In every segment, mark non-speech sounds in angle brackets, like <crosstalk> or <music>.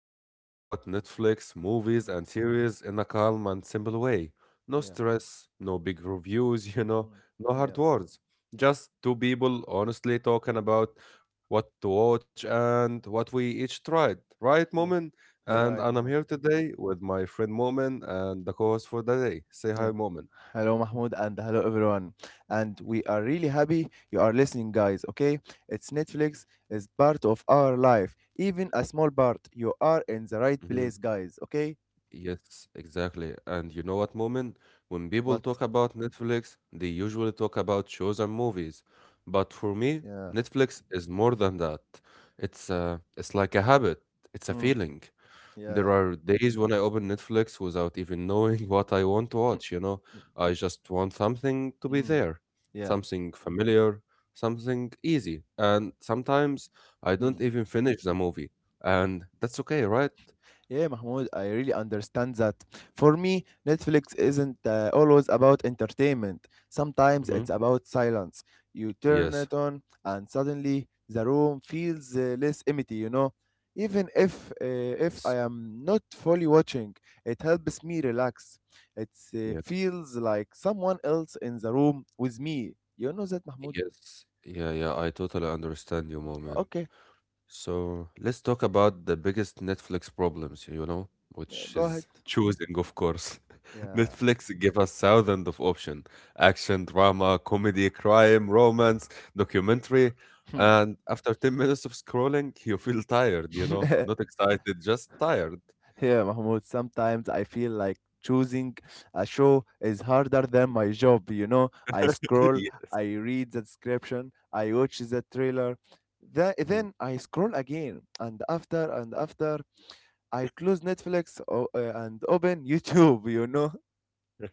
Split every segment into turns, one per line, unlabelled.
where we talk about Netflix, movies,
Mm,
and series in a calm and simple way. No
yeah,
stress, no big reviews, <laughs> you know,
mm,
no hard
yeah,
words. Just two people honestly talking about what to watch and what we each tried. Right,
yeah,
Moment?
yeah,
And,
right,
and I'm
Mahmoud.
here today with my friend Moment and the co host for the day. Say
Yeah.
hi, Moment.
Hello, Mahmoud, and hello, everyone. And we are really happy you are listening, guys. Okay, it's Netflix is part of our life, even a small part. You are in the right place, guys. Okay,
Yes, exactly. And you know what, Moment? When people
what?
talk about Netflix, they usually talk about shows and movies. But for me,
Yeah,
Netflix is more than that. It's like a habit. It's a
mm,
feeling. There
yeah,
are days when I open Netflix without even knowing <laughs> what I want to watch, you know? I just want something to
<laughs>
be
mm,
there,
yeah,
something familiar, something easy. And sometimes I don't
mm.
even finish the movie. And that's okay, right?
Yeah, Mahmoud, I really understand that. For me, Netflix isn't always about entertainment. Sometimes
Hmm.
it's about silence. You turn
Yes.
it on, and suddenly the room feels less empty. You know, even if I
Yes.
am not fully watching, it helps me relax. It
Yep.
feels like someone else in the room with me. You know that, Mahmoud?
Yes. Yeah, yeah, I totally understand you, moment.
Okay,
So let's talk about the biggest Netflix problems, you know, which
go ahead.
is choosing, of course. <laughs>
Yeah.
Netflix give us thousands of options: action, drama, comedy, crime, romance, documentary.
Hmm.
And after 10 minutes of scrolling, <laughs> you feel tired, you know, not
<laughs>
excited, just tired.
Yeah, Mahmoud, sometimes I feel like choosing a show is harder than my job, you know. I scroll,
<laughs>
I read the description, I watch the trailer,
Yeah.
then I scroll again, and after, I close Netflix and open <laughs> YouTube, you know.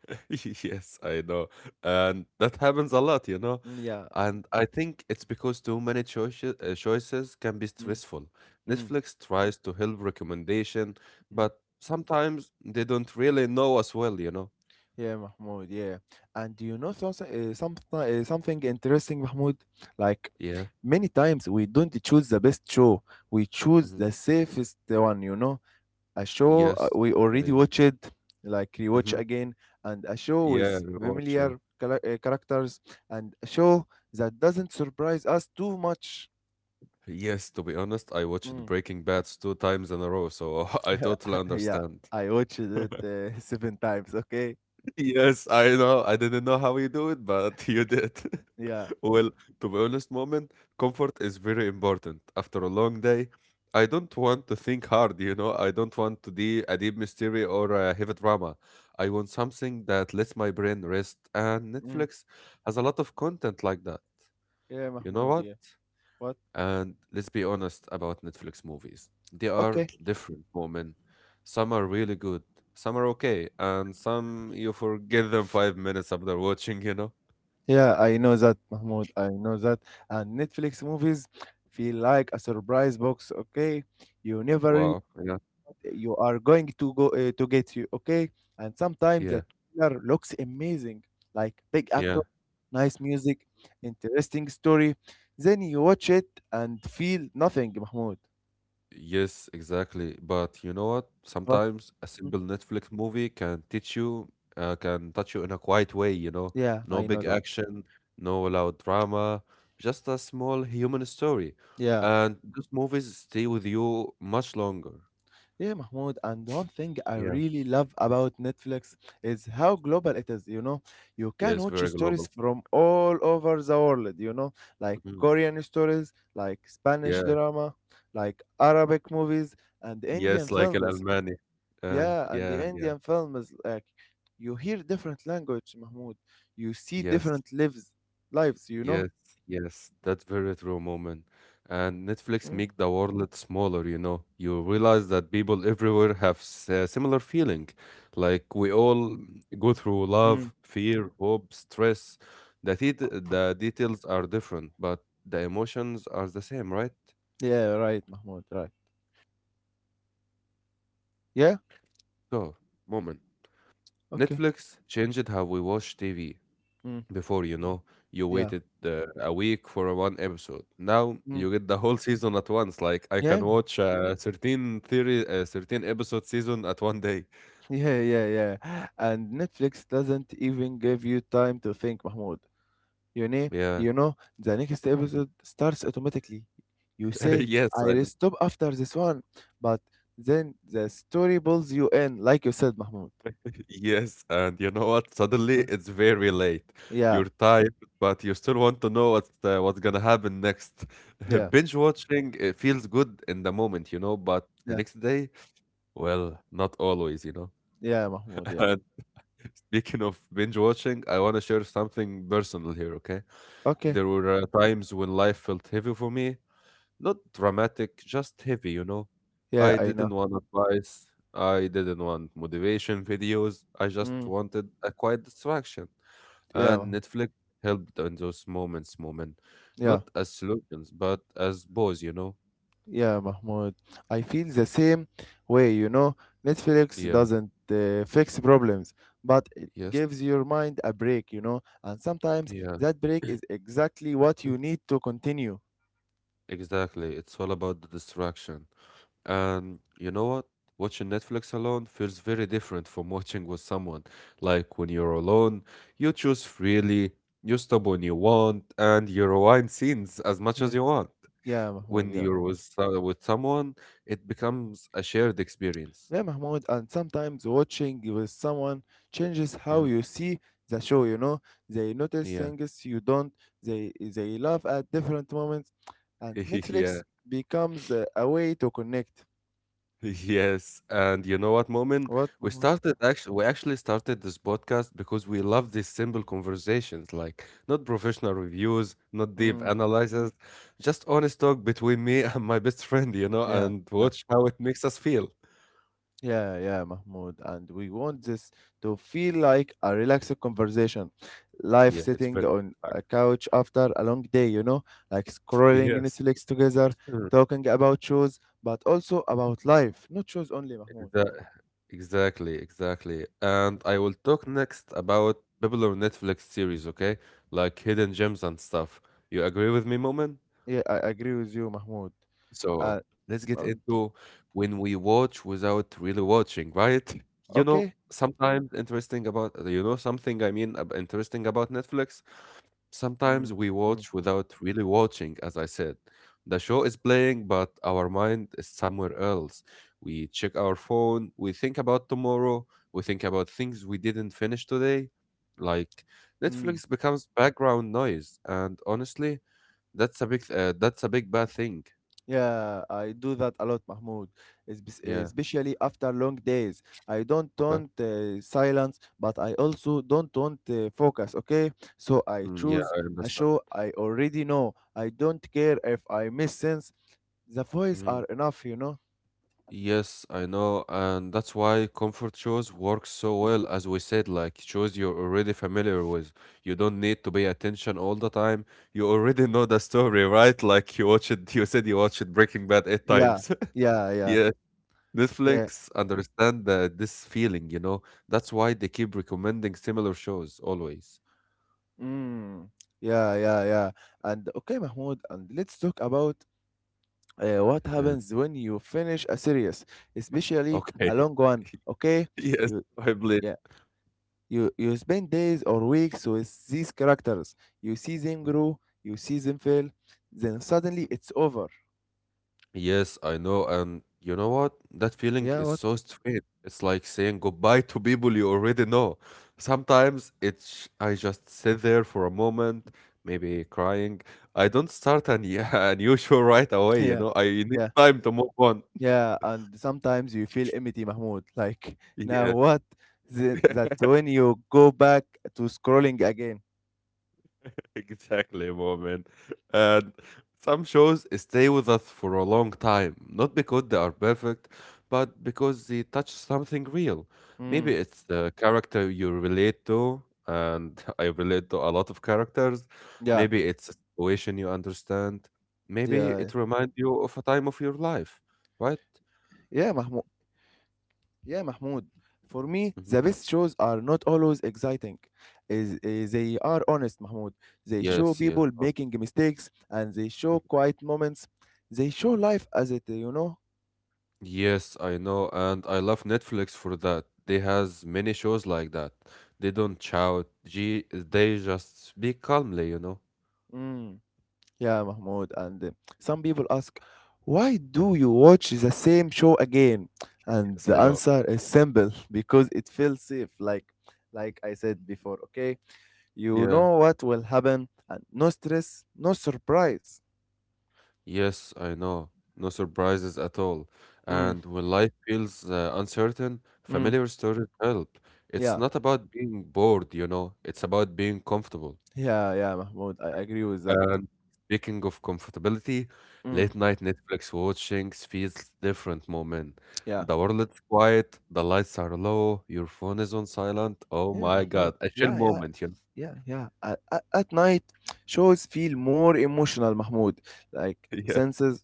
<laughs> Yes, I know. And that happens a lot, you know.
Yeah.
And I think it's because too many choices can be
Mm,
stressful.
mm,
Netflix tries to help recommendation,
mm.
but sometimes they don't really know us well, you know.
Yeah, Mahmoud. Yeah, and you know something interesting, Mahmoud. Like
Yeah.
many times we don't choose the best show, we choose
Hmm.
the safest one. You know, a show
Yes.
we
Yeah.
already
Yeah.
watched, like rewatch
Hmm.
again, and a show
Yeah.
with
Rewatch. Yeah.
familiar characters, and a show that doesn't surprise us too much.
Yes. To be honest, I watched
Mm.
Breaking Bad two times in a row, so <laughs> I totally
<laughs> yeah,
understand.
I watched it <laughs> seven times. Okay.
Yes, I know. I didn't know how you do it, but <laughs> you did. <laughs>
Yeah.
Well, to be honest, moment, comfort is very important. After a long day, I don't want to think hard, you know. I don't want to be a deep mystery or a heavy drama. I want something that lets my brain rest, and
Mm.
Netflix has a lot of content like that.
Yeah,
You know
Mahmoud.
what?
Yeah. What?
And let's be honest about Netflix movies. They are
Okay.
different, moment. Some are really good, some are okay, and some you forget them 5 minutes after watching, you know?
Yeah, I know that, Mahmoud. I know that. And Netflix movies feel like a surprise box, okay? You never really,
Wow. Yeah.
you are going to go to get you, okay? And sometimes
Yeah.
that trailer looks amazing, like big actor,
Yeah.
nice music, interesting story. Then you watch it and feel nothing, Mahmoud.
Yes, exactly. But you know what?
But
Sometimes a
mm,
simple Netflix movie can can touch you in a quiet way, you know?
yeah,
No
I know
big
that.
action, no loud drama, just a small human story.
Yeah.
And those movies stay with you much longer.
Yeah, Mahmoud, and one thing I
Yeah.
really love about Netflix is how global it is, you know. You can
Yes,
watch
very
stories
global.
from all over the world, you know, like
Mhm.
Korean stories, like Spanish
Yeah.
drama, like Arabic movies and Indian
Yes, like Al
films.
Almani.
Yeah, and the
Yeah, yeah.
Indian films like you hear different language, Mahmoud. You see
Yes,
different lives, you know?
yes, yes. That's very true moment. And Netflix
Mm.
make the world smaller, you know. You realize that people everywhere have s similar feeling. Like we all go through love,
Mm.
fear, hope, stress. The det the details are different, but the emotions are the same, right?
Yeah, right, Mahmoud, right. Yeah?
So, moment.
Okay.
Netflix changed how we watch TV.
Mm.
Before you know, you
Yeah.
waited a week for one episode. Now
Mm.
you get the whole <laughs> season at once. Like I can
Yeah,
watch 13 episode season at one day.
<laughs> Yeah. And Netflix doesn't even give you time to think, Mahmoud. You know,
Yeah.
you know, the next episode
<laughs>
starts automatically. You say,
Yes, I
I'll
know.
stop after this one, but then the story pulls you in, like you said, Mahmoud.
Yes, and you know what, suddenly
Huh?
it's very late.
Yeah,
You're tired, but you still want to know what's gonna happen next.
yeah,
<laughs> Binge watching, it feels good in the moment, you know, but the
yeah,
next day, well, not always, you know.
yeah, Mahmoud, yeah.
<laughs> Speaking of binge watching, I want to share something personal here, okay?
Okay,
There were times when life felt heavy for me. Not dramatic, just heavy, you know?
yeah,
I
I
didn't
know.
want advice. I didn't want motivation videos. I just
Mm,
wanted a quiet distraction.
yeah,
And
Mahmoud,
Netflix helped in those moments, moment.
yeah.
Not as solutions, but as pause, you know?
Yeah, Mahmoud. I feel the same way, you know. Netflix
Yeah.
doesn't fix problems, but it
Yes.
gives your mind a break, you know. And sometimes
Yeah.
that break is exactly what you need to continue.
Exactly. It's all about the distraction. And you know what? Watching Netflix alone feels very different from <laughs> watching with someone. Like when you're alone, you choose freely, you stop when you want, and you rewind scenes as much as
Yeah.
you want.
Yeah, Mahmoud,
When
yeah.
you're with someone, it becomes a shared experience.
Yeah, Mahmoud, and sometimes watching with someone changes how
Hmm.
you see the show, you know. They notice
Yeah,
things you don't. They laugh at different moments, and
<laughs> yeah.
Netflix becomes a way to connect.
Yes, and you know what, Moment?
What,
We
Mahmoud?
started actually we actually started this podcast because we love these simple conversations, like not professional reviews, not deep
Hmm.
analysis, just honest talk between me and my best friend, you know,
Yeah,
and
yeah,
watch how it makes us feel.
yeah, Mahmoud. And we want this to feel like a relaxed conversation, live
Yeah, it's
sitting
very
on
fact.
a couch after a long day, you know, like scrolling
Yes.
Netflix together,
Mm,
talking about shows, but also about life, not shows only, Mahmoud.
exa- Exactly, exactly. And I will talk next about popular Netflix series, okay? Like hidden gems and stuff. You agree with me, Moment?
Yeah, I agree with you, Mahmoud. Uh,
So let's get
oh,
into when we watch without really watching, right? <laughs> You know,
okay.
sometimes interesting about, you know, something I mean, ab- interesting about Netflix. Sometimes
Mm,
we
mm,
watch without really watching, as I said. The show is playing, but our mind is somewhere else. We check our phone, we think about tomorrow, we think about things we didn't finish today. Like
mm.
Netflix becomes background noise, and honestly, that's a big bad thing.
Yeah, I do that a lot, Mahmoud.
Yeah.
Especially after long days. I don't
Okay.
want silence, but I also don't want focus, okay? So I
Mm, yeah,
choose
I
a
understand.
show I already know. I don't care if I miss sense. The voice are
Mhm.
enough, you know?
Yes, I know, and that's why comfort shows work so well, as we said, like shows you're already familiar with. You don't need to pay attention all the time. You already know the story, right? Like you watched it, you said you watched Breaking Bad eight
Yeah,
times. <laughs>
yeah, yeah,
Yeah,
yeah.
Netflix understand this feeling, you know. That's why they keep recommending similar shows always.
Mm. Yeah. And okay, Mahmoud, and let's talk about what
Yeah.
happens when you finish a series, especially
Okay.
a long
<laughs>
one, okay?
Yes,
You,
I believe.
yeah. You spend days or weeks with these characters. You see them
Mm-hmm.
grow, you see them fail, then suddenly it's over.
Yes, I know. And you know what? That feeling
Yeah,
is
what? <laughs>
so strange. It's like saying goodbye to people you already know. Sometimes it's I just sit there for a moment, maybe crying. I don't start an, <laughs> a new show right away, you
Yeah,
know. I need
yeah,
time to move on. <laughs>
yeah. And sometimes you feel empty, Mahmoud. <laughs> Like now
Yeah.
what? That's
<laughs>
when you go back to scrolling again.
Exactly, moment. And some shows stay with us for a long time, not because they are perfect, but because they touch something real. Maybe
Mm.
it's the character you relate to, and <laughs> I relate to a lot of characters.
Yeah,
Maybe it's a situation you understand. Maybe
yeah,
it reminds you of a time of your life, right?
yeah, Mahmoud. Yeah, Mahmoud. For me, the
Mhm.
best shows are not always exciting. They are honest, Mahmoud. They show
Yes, yes.
people making mistakes and they show quiet moments. They show life as it, you know.
Yes, I know, and I love Netflix for that. They has many shows like that. They don't shout. G They just speak calmly, you know.
Mm. Yeah, Mahmoud. And some people ask, why do you
<laughs>
watch the same show again? And
Yes,
the
I know.
answer is simple <laughs> because it feels safe. Like I said before, okay? You
Yeah.
know what will happen, and no stress, no surprise.
Yes, I know. No surprises at all.
Mm,
And when life feels uncertain,
mm,
familiar stories help. It's
yeah.
not about being bored, you know. It's about being comfortable.
Yeah, Mahmoud. I agree with that.
And speaking of comfortability,
Mm,
late night Netflix watching feels different moment.
yeah,
The world is quiet, the lights are low, your phone is on silent. Oh
yeah,
my
Mahmoud.
God, a chill
Yeah,
moment, you know?
yeah. At night, shows feel more emotional, Mahmoud. Like
<laughs>
senses,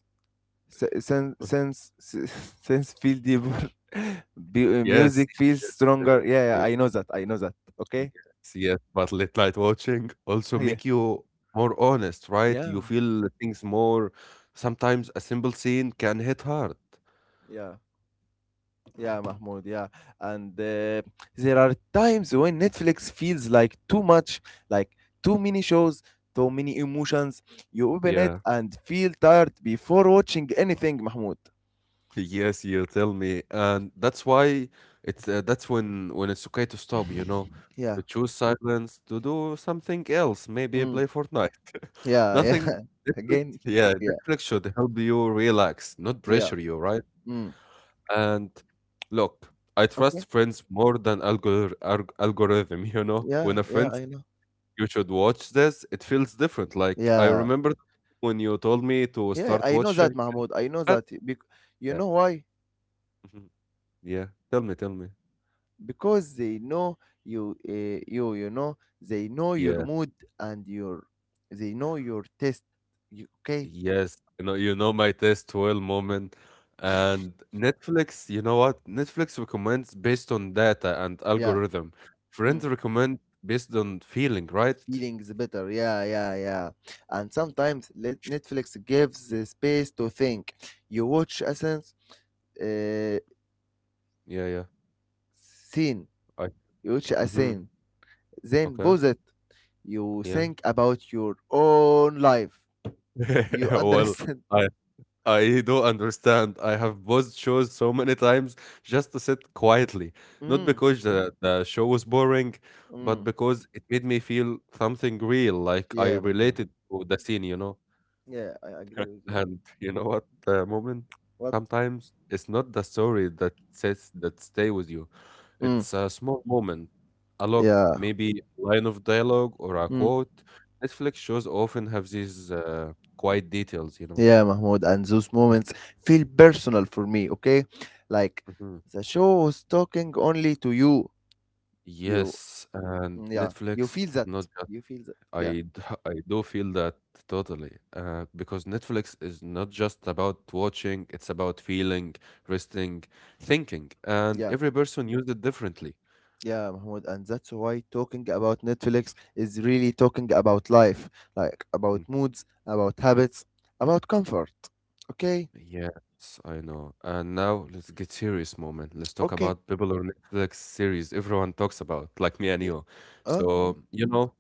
se- sen, sense, se- <laughs> sense feel deeper. <laughs> Be
Yes,
music feels stronger. Yeah,
yes,
yeah. I know that. I know that. Okay.
yes, yes. But late night watching also
Yeah,
make you more honest, right?
yeah,
You feel things more. Sometimes a simple scene can hit hard.
yeah. Yeah, Mahmoud, yeah. And there are times when Netflix feels like too much, like too many shows, too many emotions. You open it
Yeah.
and feel tired before watching anything, Mahmoud.
Yes, you tell me, and that's why it's that's when it's okay to stop, you know,
Yeah.
to choose silence, to do something else, maybe
Mm.
play Fortnite. <laughs>
Yeah, yeah.
Nothing.
<laughs>
Netflix,
Again,
yeah,
yeah,
Netflix should help you relax, not
yeah.
pressure you, right?
Mm.
And look, I
Okay.
trust friends more than algorithm, <laughs> you know.
Yeah,
When a
yeah,
friend
I
says,
know.
you should watch this, it feels different. Like I
Yeah.
remember when you told me to
Yeah,
start
I know that,
watching.
Mahmoud. I know
uh, but-
that. You
Yeah.
know why?
<laughs> Mhm. Yeah. Tell me, tell me.
Because they know you you you know they know your
Yeah,
mood and your they know your taste you, okay?
yes, you know my taste well, moment. And Netflix, you know what? Netflix recommends based on data and
Yeah.
algorithm.
Mm.
Friends recommend based on feeling, right?
Feelings better, yeah. And sometimes let Netflix gives the space to think. You watch a sense uh,
Yeah, yeah.
scene
I
You watch a
mm-hmm.
scene, then
Okay.
pause it. You
Yeah.
think about your own life.
<laughs>
You
Well,
understand.
I I do understand. I have paused shows so many times just to sit quietly,
<laughs>
not
mm,
because the show was boring, but
mm.
because it made me feel something real, like I
Yeah, Mahmoud.
related to the scene, you know.
Yeah, I agree with you.
And you know what, the moment
What?
sometimes it's not the story that stay with you.
Mm,
It's a small moment, a look,
yeah.
maybe a line of dialogue or a
Mm,
quote. Netflix shows often have these quiet details, you know.
yeah, Mahmoud. And those moments feel personal for me, okay? Like
Mhm.
the show was talking only to you. You,
Yes, and
yeah, you
Netflix
feel that.
not just
You feel that. Yeah,
I d- <laughs> I do feel that totally because Netflix is not just about watching, it's about feeling, resting, thinking, and
yeah,
every person used it differently.
yeah, Mahmoud. And that's why talking about Netflix is really talking about life, like about
Mm.
moods, about habits, about comfort. Okay?
Yes, I know. And now let's get serious moment. Let's talk
Okay.
about people or Netflix series everyone talks about, like me and
Yeah.
you.
Oh, yeah.
So, you know,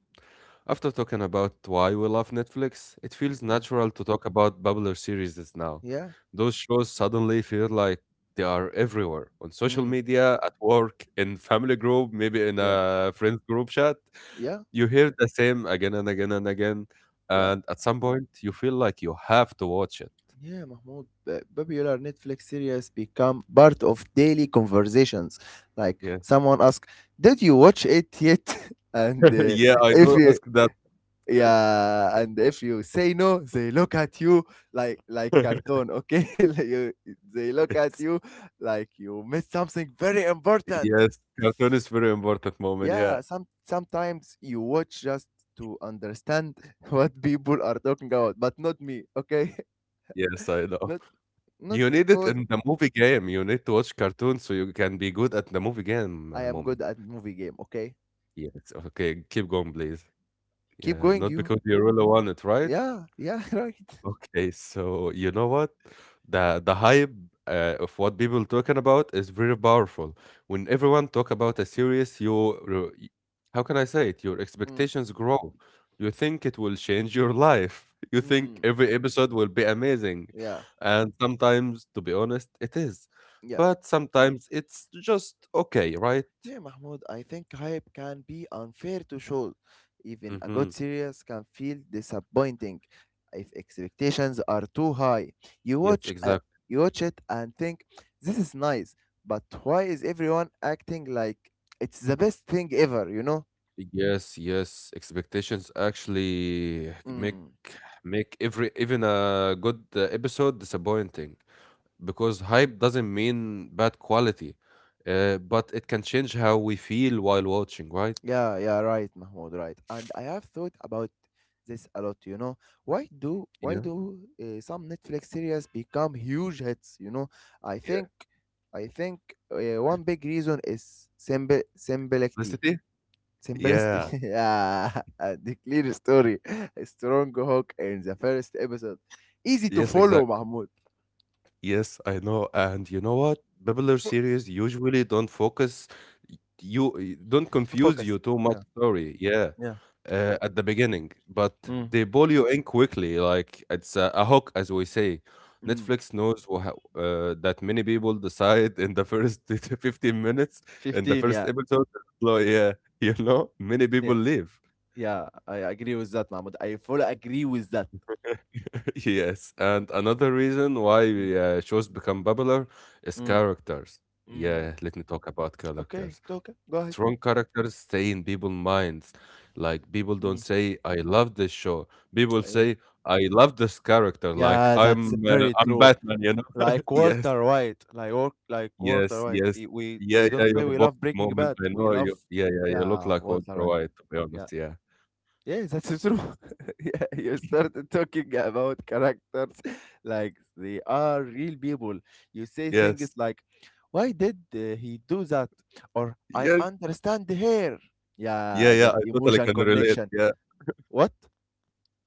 after talking about why we love Netflix, it feels
Yeah.
natural to talk about popular series that's now.
Yeah.
Those shows suddenly feel like they are everywhere on social
Mm,
media, at work, in family group, maybe in
yeah.
a friends group chat.
Yeah.
You hear the same again and again and again,
Yeah.
and at some point you feel like you have to watch
Yeah, Mahmoud, popular Netflix series become part of daily conversations. Like
it.
someone asks, "Did you watch it yet?" <laughs> and
Yeah, I
if
don't
you
ask that.
yeah, and if you say no, they look at you like
<laughs>
cartoon. Okay, <laughs> they look at
Yes.
you like you missed something very important.
Yes, cartoon is very important moment, yeah.
Yeah, sometimes you watch just to understand <laughs> what people are talking about, but not me. Okay, <laughs>
Yes, I know.
not not
You need it
because
in the movie game. You need to watch cartoons so you can be good at the movie game
I am
moment.
good at movie game, okay?
Yes, okay, keep going, please.
Keep
Yeah,
going,
not
you.
because you really want it, right?
Yeah, yeah, <laughs> right.
Okay, so you know what? The hype of what people talking about is very powerful. When everyone talk about a series, how can I say it? Your
Mm,
expectations grow. You think it will change your life. <laughs> You think
mm,
every episode will be amazing.
yeah,
And sometimes, to be honest, it is.
yeah.
But sometimes it's just okay, right?
Yeah, Mahmoud, I think hype can be unfair to shows. Even a good
Mm-hmm.
series can feel disappointing if expectations are too high. You
Yes,
watch a,
exactly.
you watch it and think this is nice, but why is everyone acting like it's the best thing ever, you know?
Yes, yes. Expectations actually make
Mm.
make every even a good episode disappointing because hype doesn't mean bad quality, but it can change how we feel while watching, right?
Yeah, yeah, right, Mahmoud, right. And I have thought about this a lot, you know. Why do why
Yeah,
do uh, some Netflix series become huge hits, you know? I
yeah.
think I think one big reason is simple simplicity.
Felicity?
Simplicity.
Yeah.
<laughs> Yeah, and the clear story. A strong hook in the first episode. Easy to
Yes,
follow,
exactly.
Mahmoud.
Yes, I know. And you know what? Popular series usually don't focus don't confuse you
Focus.
too much
Yeah.
story. Yeah.
Yeah.
At the beginning, but
Mm.
they pull you in quickly, like it's a hook, as we say.
Mm.
Netflix knows that many people decide in the first <laughs> 15 minutes, in the
15,
first
yeah.
episode. So yeah, <laughs> you know, many
Yeah.
people leave.
Yeah, I agree with that, Mahmoud. I fully agree with that.
<laughs> Yes, and another reason why shows become popular is
Mm,
characters.
mm.
Yeah, let me talk about
Okay,
characters.
okay. Go ahead.
Strong characters stay in people's minds. Like people don't
Mm,
say "I love this show." People
yeah.
say "I love this character." Like
Yeah, that's very
I'm
true.
Batman. You know?
Like
<laughs> yes,
Walter White, like
yes,
Walter White.
yes.
We
Yeah, yeah.
don't play.
Your
We
boss
love Breaking
moment.
Bad.
I
We
know
love,
you. Yeah, yeah. You look
yeah,
like
Walter
Walter
White.
White. To be
Yeah,
honest, yeah.
yeah, that's true. <laughs> Yeah, you started talking about characters <laughs> like they are real people. You say things
Yes,
like, "Why did he do that?" or "I
yes.
understand here."
Yeah,
Yeah,
yeah.
that
I totally
emotion
can relate.
connection.
Yeah.
What?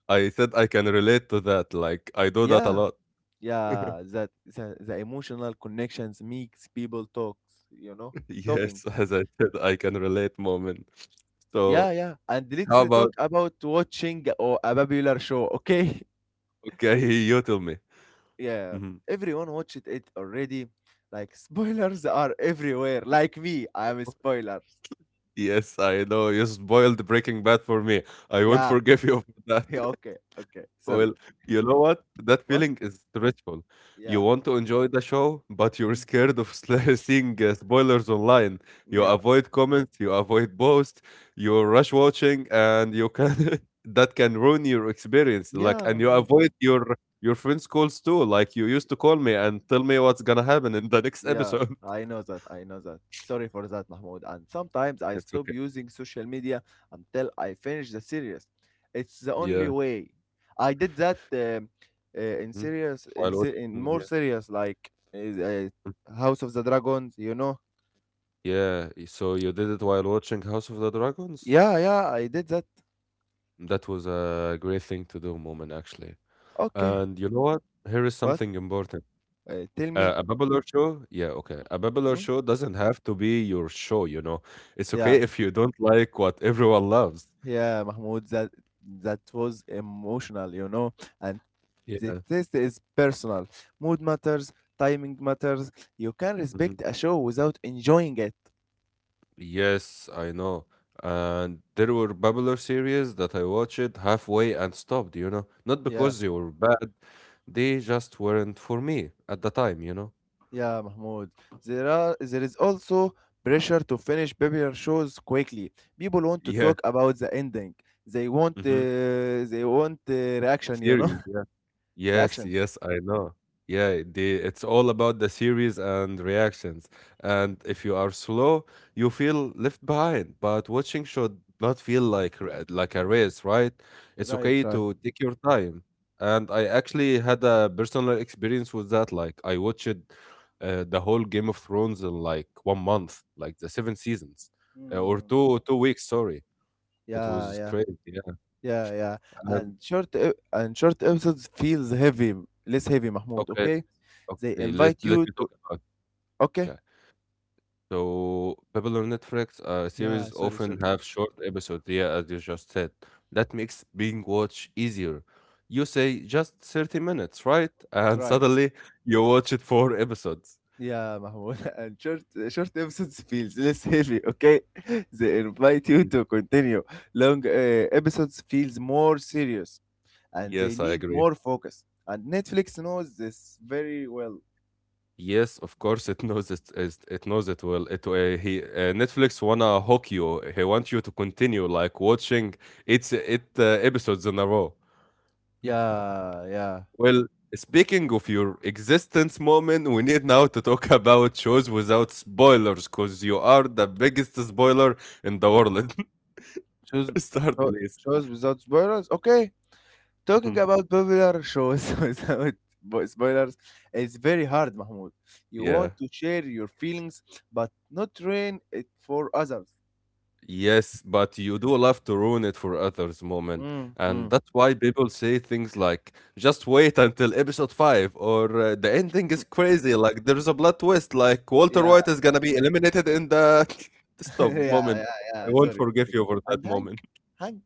I said I can relate to that, like, I do that a
Yeah,
lot. <laughs>
yeah, that the emotional connections makes people talks you know talking.
Yes, as I said, I can relate moment. So,
Yeah and let's
how
talk
about
about watching or a popular show, okay?
okay, <laughs> you tell me.
<laughs> Yeah,
Mhm.
everyone watched it already like spoilers are everywhere, like me. I am spoilers.
Yes, I know you spoiled Breaking Bad for me. I won't
Yeah.
forgive you <laughs> for
<laughs> Yeah,
that.
okay, okay, sorry.
Well, you know what? That
What?
feeling is stressful. You
Yeah.
want to enjoy the show, but you're
Mm.
scared of sl- <laughs> seeing spoilers online. You
yeah
avoid comments, you avoid posts, you rush watching, and you can <laughs> that can ruin your experience. Like,
yeah
and you
Mahmoud,
avoid your friends' calls too. Like, you used to call me and tell me what's gonna happen in the next
yeah,
episode.
I know that. I know that. Sorry for that, Mahmoud. And sometimes
<laughs>
I
It's
stop
okay.
using social media until I finish the series. It's the only
Yeah.
way. I did that um uh, in
Mhm.
serious, in,
While
se- in
watching,
more
yeah.
serious, like
Mm.
House of the Dragons. You know?
Yeah. So you did it while watching House of the Dragons?
Yeah, yeah. I did that.
That was a great thing to do, Moment, actually.
Okay.
And you know what? Here is
What?
something important.
Tell me.
A babbler show, yeah, okay. A babbler
Hmm?
show doesn't have to be your show, you know. It's
Yeah.
okay if you don't like what everyone loves.
Yeah, Mahmoud, that was emotional, you know. And the
Yeah.
test is personal. Mood matters, timing matters. You can
Mhm.
respect a show without enjoying it.
Yes, I know. And there were babbler series that I watched halfway and stopped, you know. Not
Yeah,
because they were bad, they just weren't for me at the time, you know.
yeah, Mahmoud. There is also pressure to finish popular shows quickly. People want to
Yeah.
talk about the ending.
Mm-hmm.
They want reaction, you know,
Series, yeah.
<laughs>
Yes,
reactions.
yes, I know. Yeah, they, it's all about the series and reactions. And if you are slow, you feel left behind. But watching should not feel like like a race, right? It's
Right,
okay
right.
to take your time. And I actually had a personal experience with that. Like I watched the whole Game of Thrones in like one month, like the seven seasons, uh, or
Hmm.
two two weeks. Sorry, it
Yeah,
was
yeah.
crazy. Yeah.
Yeah, yeah.
And
And short episodes feels heavy, less heavy, Mahmoud,
okay,
okay? They
okay, let
invite
let
you
me
to
talk about.
okay?
Okay. So, Babylon Netflix
Yeah,
series
sorry,
often
sorry.
have short episodes, yeah, as you just said. That makes being watched easier. You say just 30 minutes, right? <laughs> And
Right.
suddenly you watch it four episodes.
Yeah, Mahmoud. <laughs> And short episodes feels less heavy, okay? <laughs> They invite you
Y-
to continue. Long episodes feels more serious and they
Yes, I
need
agree.
more focus. And Netflix knows this very well.
Yes, of course, it knows it. It knows it well. It he Netflix wanna hook you. He want you to continue like watching its it episodes in a row.
Yeah, yeah.
Well, speaking of your existence moment, we need now to talk <laughs> about shows without spoilers because you are the biggest spoiler in the world.
Shows
<laughs> Start,
show-
please.
shows without spoilers, okay? Talking
<laughs>
about popular shows <laughs> without spoilers is very hard, Mahmoud. You want
yeah.
to share your feelings, but not ruin it for others.
Yes, but you do love to ruin it for others, moment.
Mm,
And
mm.
that's why people say things like, just wait until episode 5, or the ending is crazy, like there's a blood twist, like Walter
Yeah,
White is gonna be eliminated in the. <laughs>
<laughs>
Stop,
yeah,
moment.
yeah,
I
yeah.
won't
Sorry,
forgive
sorry.
you for
And
that
Hank,
moment.
Hank.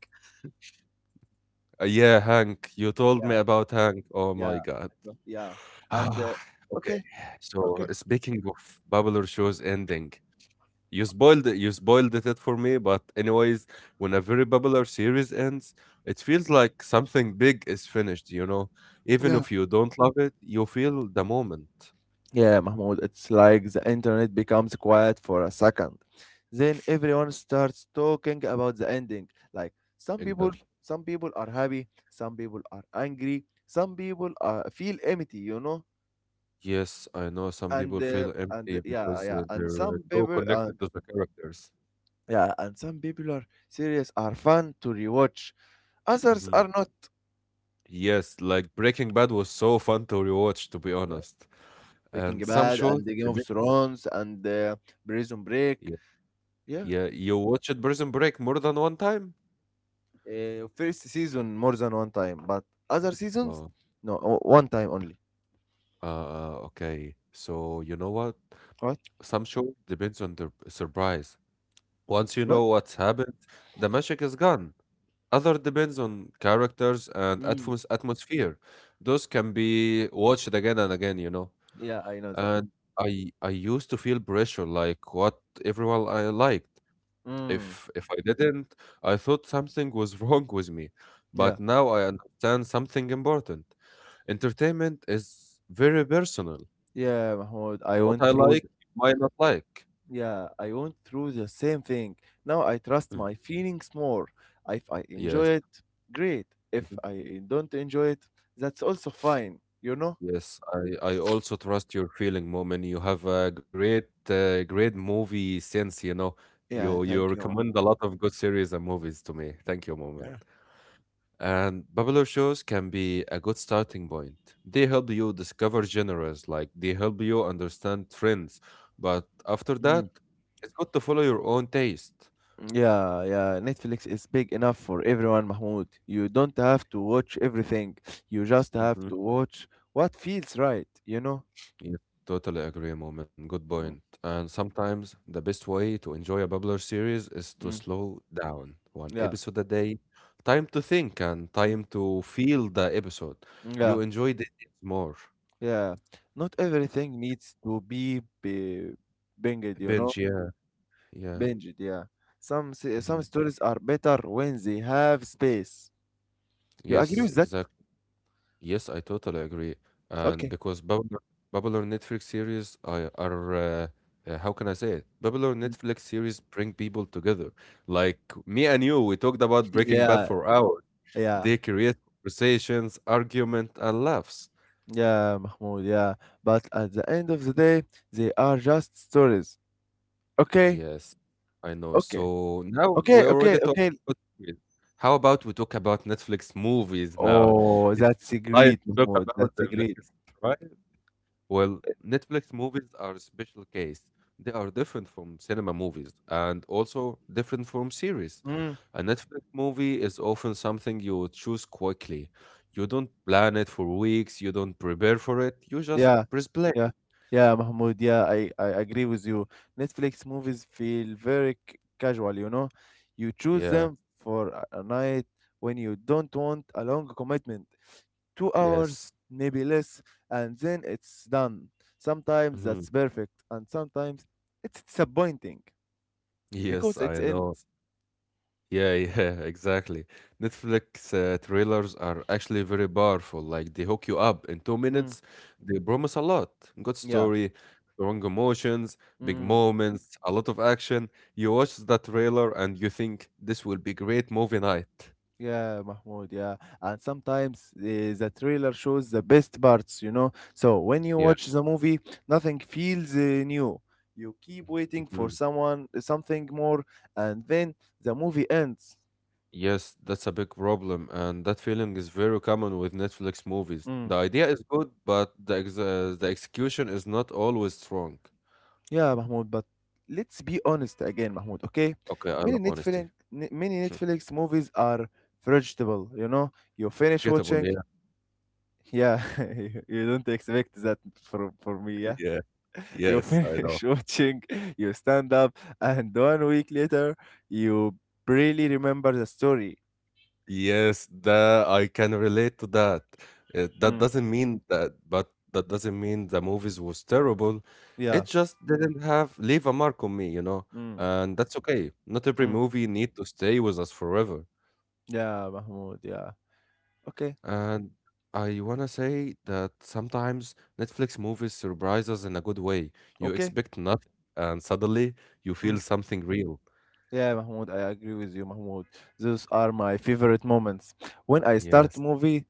Yeah, Hank. You told
Yeah,
me about Hank. Oh
yeah, I
my God.
know, yeah. And
Ah, okay.
okay,
So
okay.
speaking of popular shows ending, you spoiled it. You spoiled it for me. But anyways, when a very popular series ends, it feels like something big is finished. You know, even
Yeah,
if you don't love it, you feel the moment.
Yeah, Mahmoud, it's like the internet becomes quiet for a second. Then everyone starts talking about the ending. Like some people
Exactly.
some people are happy, some people are angry, some people feel empty, you know?
Yes, I know some people feel
And
empty
yeah,
because uh,
yeah, and
they're uh,
some
so
people
connected to the characters.
yeah, and some people are serious are fun to rewatch. Others
Mhm.
are not.
Yes, like Breaking Bad was so fun to rewatch, to be
Yeah.
honest.
Breaking
And some
Bad
shows,
and the Game of Thrones and Prison Break.
yeah,
Yeah.
yeah, you watched Prison Break more than one time?
First season more than one time, but other seasons,
Oh,
no, one time only.
okay. So you know what?
What?
Some shows depends on the surprise. Once you
What?
know what's happened, the magic is gone. Other depends on characters and
Mm.
atmosphere. Those can be watched again and again, you know.
Yeah, I know that.
And I used to feel pressure, like what everyone I liked.
Mm.
If I didn't, I thought something was <laughs> wrong with me.
Yeah,
But now I understand something important. Entertainment is very personal.
yeah, Mahmoud. I
What
went
I
through.
like,
Th-
you might not like.
yeah, I went through the same thing. Now I trust
Mm,
my feelings more. If I enjoy
Yes.
it, great. If
mhm.
I don't enjoy it, that's also fine. You know?
Yes, I also trust your feeling, Moment. You have a great great movie sense, you know.
Yeah.
You
Thank
you
you.
recommend a lot of good series and movies to me. Thank you, Moment. And popular shows can be a good starting point. They help you discover genres, like they help you understand trends. But after
Yeah.
that, it's good to follow your own taste.
Yeah, yeah. Netflix is big enough for everyone, Mahmoud. You don't have to watch everything. You just have
Hmm.
to watch what feels right, you know?
Yeah, totally agree, Moment. Good point.
Mm,
And sometimes the best way to enjoy a popular series is to
mm,
slow down one
yeah,
episode a day, time to think and
mm,
time to feel the episode.
mm,
You
yeah,
enjoy the it more.
yeah. Not everything needs to be binged, you know?
Binge, yeah, yeah.
Binged, yeah.
Hmm.
Some stories are better when they have space. You agree
Yes,
with that?
exactly. Yes, I totally agree. And
Okay.
Babylon Netflix series I are how can I say it? Babylon
<laughs> Mm,
Netflix series bring people together. Like me and you, we talked about Breaking Bad
Yeah,
for hours.
yeah,
They create conversations, argument, and laughs.
yeah, Mahmoud, yeah. But at the end of the day, they are just stories. Okay,
Yes, I know.
okay,
So now we
okay, okay,
already talked
okay.
about series. How about we talk about Netflix movies now?
Oh,
It's
that's a
I
great,
talk
Mahmoud.
about
That's a
them
great.
next, right? Well, Netflix movies are a special case. They are different from cinema movies and also different from series.
Mm,
A Netflix movie is often something you choose quickly. You don't plan it for weeks, you don't prepare for it, you just
yeah,
press play.
yeah, yeah, Mahmoud. Yeah, I agree with you. Netflix movies feel very casual, you know. You choose
Yeah,
them for a night when you don't want a long commitment. 2 hours,
yes.
maybe less, and then it's done. Sometimes
Mhm.
that's perfect, and sometimes it's disappointing
Yes,
because it
I know.
ends.
Yeah, yeah, <laughs> exactly. Netflix trailers are actually very powerful. Like they hook you up in two
Mm,
minutes. They promise a lot: good
yeah.
story, strong emotions, big moments, a lot of action. You watch the trailer and you think this will be great movie night.
Yeah, Mahmoud, yeah. And sometimes the trailer shows the best parts, you know. So when you
Yeah.
watch the movie, nothing feels new. You keep waiting
Mhm.
for someone, something more, and then the movie ends.
Yes, that's a big problem, and that feeling is very common with Netflix movies.
Mm.
The idea is good, but the execution is not always strong.
Yeah, Mahmoud, but let's be honest again, Mahmoud, okay?
Okay, I
Many
love honesty.
Netflix, many
<laughs>
Netflix movies are vegetable, you know. You finish
Gettable,
watching,
yeah.
yeah, <laughs> you don't expect that from, for me,
<laughs>
yeah?
Yeah.
<laughs> you
Yes, I know.
finish <laughs> watching, you stand up, and one week later, you really remember the story.
Yes, the I can relate to that. That
Mm,
doesn't mean that, but that doesn't mean the movies was terrible.
yeah.
It just didn't have leave a mark on me, you know.
Mm,
And that's okay. Not every
mm,
movie need to stay with us forever.
yeah, Mahmoud. Yeah. Okay.
And I wanna say that sometimes Netflix movies surprise us in a good way. You
Okay.
expect nothing, and suddenly you
Mm,
feel something real.
yeah, Mahmoud. I agree with you, Mahmoud. Those are my favorite moments. When I start
Yes.
movie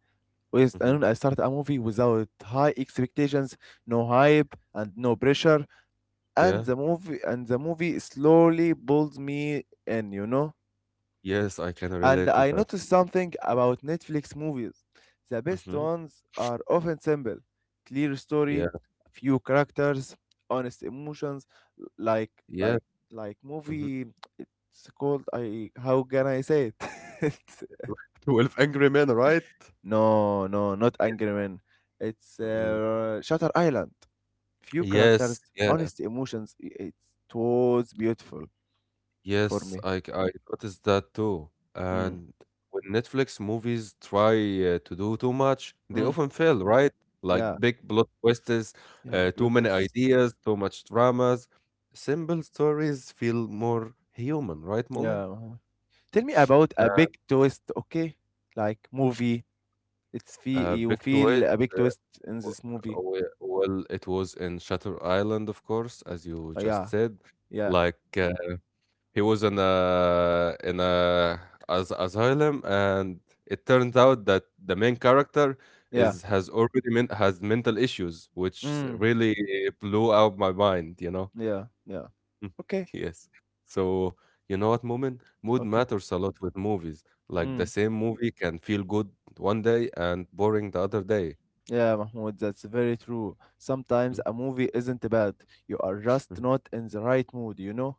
with,
Hmm.
and I start a movie without high expectations, no hype, and no pressure, and
Yeah.
the movie slowly pulls me in. You know.
Yes, I can
And
relate to
I
that.
noticed something about Netflix movies. The best
Hmm.
ones are often simple, clear
Yeah.
story, few characters, honest emotions, like
Yeah.
like like
Mhm.
movie. It's called I. How can I say it?
<laughs> Twelve Angry Men, right?
<laughs> no, no, not
Yes.
Angry Men. It's
Mm.
Shutter Island. Few characters,
Yes, yeah,
honest emotions. It was beautiful
yes,
for me.
I noticed that too.
Mm,
And when Netflix movies try to do too much, they
mm,
often fail, right? Like
yeah,
big plot twists,
yeah,
too
blood
many
loss.
ideas, too much dramas. Simple stories feel more human, right, Moment?
Yeah, uh-huh. Tell me about a
Uh,
big twist, okay? Like movie, it's feel you
big
feel
twist.
a big
Uh,
twist in
w-
this movie.
well, it was in Shutter Island, of course, as you just
Yeah,
said.
yeah,
Like He was in a as asylum, and it turns out that the main character
yeah.
is has already has mental issues, which
Mm,
really blew out my mind. You know,
yeah, yeah.
<laughs> Mm.
Okay,
yes. So you know what, Moomin? Mood
okay.
matters a lot with movies. Like the
Mm.
same movie can feel good one day and boring the other day.
Yeah, Mahmoud, that's very true. Sometimes
Mm.
a movie isn't bad. You are just
Mhm.
not in the right mood, you know?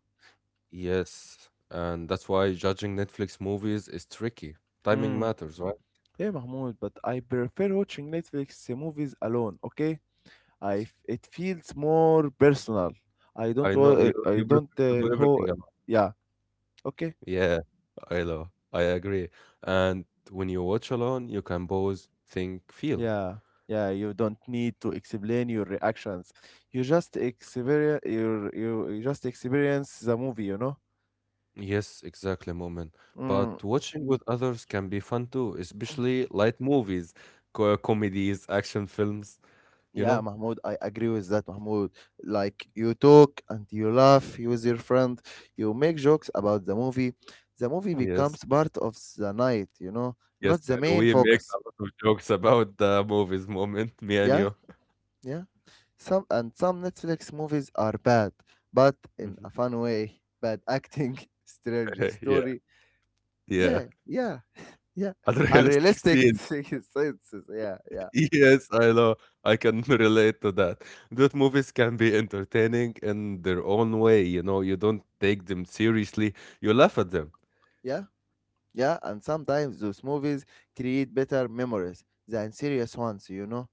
Yes, and that's why judging Netflix movies is tricky. Timing
Mm.
matters, right?
Yeah, Mahmoud, but I prefer watching Netflix movies alone, okay? It feels more personal.
I know you
I
you
don't
prefer to do
ho
everything alone.
yeah, okay.
Yeah, I know. I agree. And when you watch alone, you can pause, think, feel.
Yeah, yeah, you don't need to explain your reactions. You just experience the movie, you know?
Yes, exactly, moment.
Mm,
But watching with others can be fun too, especially light movies, co comedies, action films, you
yeah,
know?
Mahmoud, I agree with that, Mahmoud. Like you talk and you laugh you with your friend, you make jokes about the movie. The movie
Yes,
becomes part of the night, you know,
yes.
not the
And
main
we make a
focus.
lot of jokes about the movies moment, me and
Yeah,
you. <laughs>
yeah. Some Netflix movies are bad, but
<laughs>
in a
Mhm.
fun way. Bad acting, <laughs> strange
Yeah,
story.
yeah.
Yeah, yeah. yeah
<laughs> Unrealistic
unrealistic <laughs>
scenes.
senses yeah yeah
Yes, I know. I can <laughs> relate to that. That movies can be entertaining in their own way, you don't take them seriously, you laugh at them.
yeah yeah and sometimes those movies create better memories than serious ones you know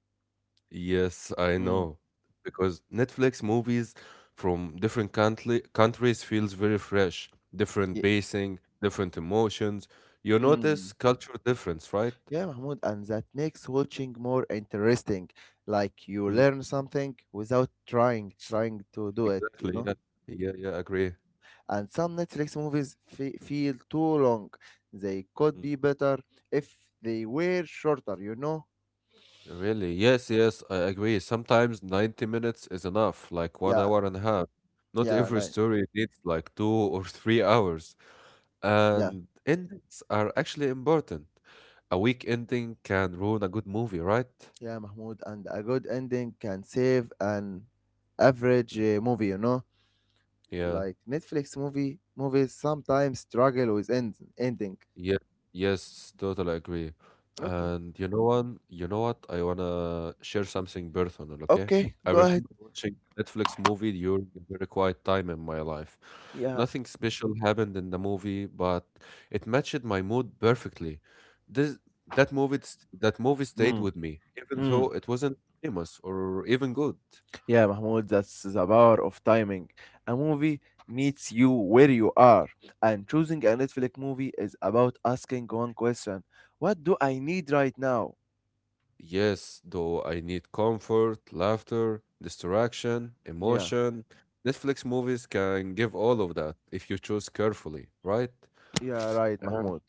Yes, I
mm.
know. Because Netflix movies from different country countries feels very fresh, different
yeah.
pacing, different emotions. You
Mm.
notice cultural difference, right?
yeah mahmoud and that makes watching more interesting like you
Mhm.
learn something without trying to do it you
Exactly.
know
Yeah. Yeah, yeah, agree.
and some netflix movies fe- feel too long they could be better if they were shorter you know
Really? Yes, yes, I agree. Sometimes 90 minutes is enough, like one
yeah
hour and a half. Not
yeah
every
like
story needs like two or <laughs> 3 hours.
yeah
And endings are actually important. A weak ending can ruin a good movie, right?
Yeah, Mahmoud, and a good ending can save an average
Mm.
movie, you know?
Yeah.
Like Netflix movie movies sometimes struggle with ending.
Yes, yes, totally agree.
Okay.
And you know what? You know what? I wanna share something personal, okay?
Okay,
I
go ahead.
remember watching a Netflix movie during a very quiet time in my life.
Yeah.
Nothing special happened in the movie, but it matched my mood perfectly. This that movie st- That movie stayed
Mm,
with me, even
mm.
though it wasn't famous or even good.
Yeah, Mahmoud, that's the power of timing. A movie meets you where you are. And choosing a Netflix movie is about asking one question. What do I need right now?
Yes, though I need comfort, laughter, distraction,
Yeah.
emotion. Netflix movies can give all of that if you choose carefully, right?
Yeah, right, Mahmoud.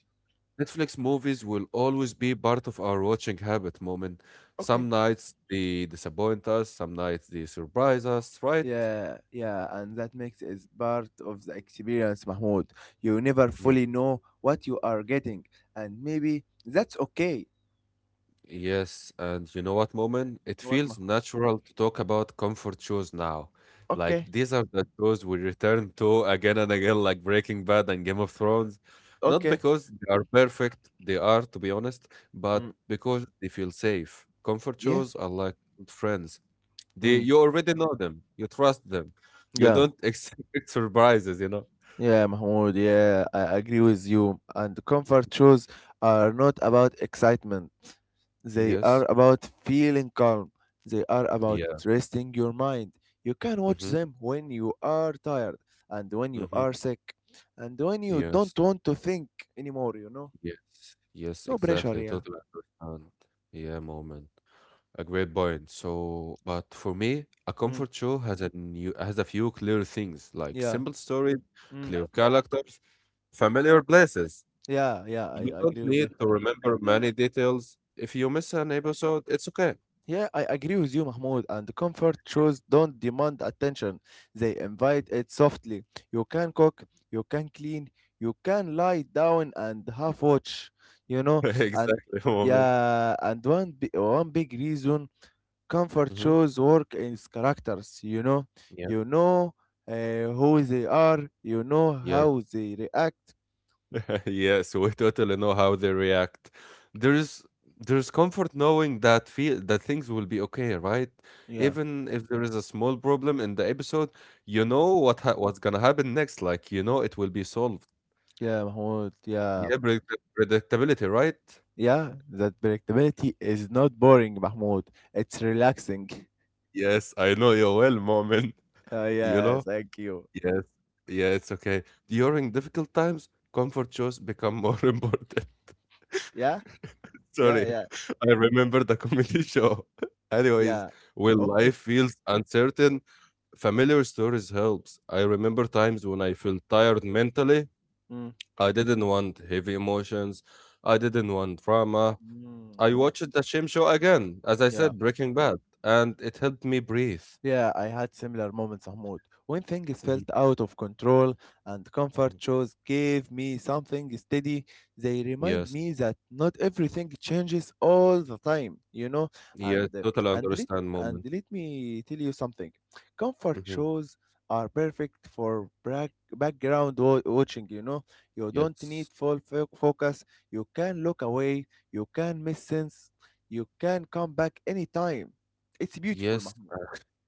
Netflix movies will always be part of our watching habit moment.
Okay.
Some nights they disappoint us, some nights they surprise us, right?
Yeah, yeah, and that makes is part of the experience, Mahmoud. You never
Yeah.
fully know what you are getting, and maybe that's okay.
Yes, and you know what, Moment? It
What,
feels
Mahmoud?
natural to talk about comfort shows now. Like
Okay,
these are the shows we return to again and again, like Breaking Bad and Game of Thrones. Not
okay.
because they are perfect, they are, to be honest,
Mm,
but because they feel safe. Comfort
yeah,
shows are like good friends. They,
mm,
you already know them, you trust them, you
yeah.
don't <laughs> expect surprises, you know?
Yeah, Mahmoud, yeah, I agree with you. And comfort shoes are not about excitement. They are
Yes.
about feeling calm. They are about
Yeah.
resting your mind. You can watch
Mm-hmm.
them when you are tired and when you
Mm-hmm.
are sick and when you
Yes.
don't want to think anymore, you know?
Yes, yes,
No pressure,
exactly.
yeah.
Totally understand. Yeah, moment. A great point. So, but for me, a
Mm,
comfort show has a few clear things, like
yeah.
simple stories,
Mm,
clear characters, familiar places.
yeah, yeah,
You
I
don't
agree with you.
need to remember many details. If you miss an episode, it's okay.
Yeah, I agree with you, Mahmoud. And comfort shows don't demand attention, they invite it softly. You can cook, you can clean, you can lie down and half watch, you
<laughs>
know. And
Exactly, moment.
yeah, and one big reason comfort
Mm-hmm.
shows work in its characters, you know. You know who they are, you know
Yeah.
how they react.
<laughs> Yeah, so we totally know how they react. There's there's comfort knowing that things will be okay, right?
Yeah,
Even if there is a small problem in the episode, you
Mm.
know what's gonna happen next. Like you know it will be solved.
yeah, Mahmoud, yeah.
Yeah, predictability, right?
Yeah, that predictability is not boring, Mahmoud. It's relaxing. <laughs>
Yes, I know you well, moment.
Oh,
You
yeah,
know.
thank you.
Yes. Yeah, it's okay. During difficult times, comfort shows become more <laughs> important.
Yeah,
<laughs>
yeah,
Sorry,
yeah,
I remember the comedy show. <laughs> Anyways,
yeah.
when
Okay.
life feels uncertain, familiar stories helps. I remember times when I felt tired mentally.
Mm.
I didn't want heavy emotions. I didn't want drama.
Mm.
I watched the same show again, as I
Yeah.
said, Breaking Bad, and it helped me breathe.
Yeah, I had similar moments, Mahmoud. When things felt
Mhm,
out of control and comfort
mhm.
shows gave me something steady, they remind
Yes,
me that not everything changes all the time, you know. And
yes,
uh,
total
and let
understand
and
moment.
let me tell you something. Comfort
Mhm.
shows are perfect for background watching, you know. You don't need
Yes.
full focus. You can look away. You can miss sense. You can come back anytime. It's beautiful,
Yes.
Mahmoud.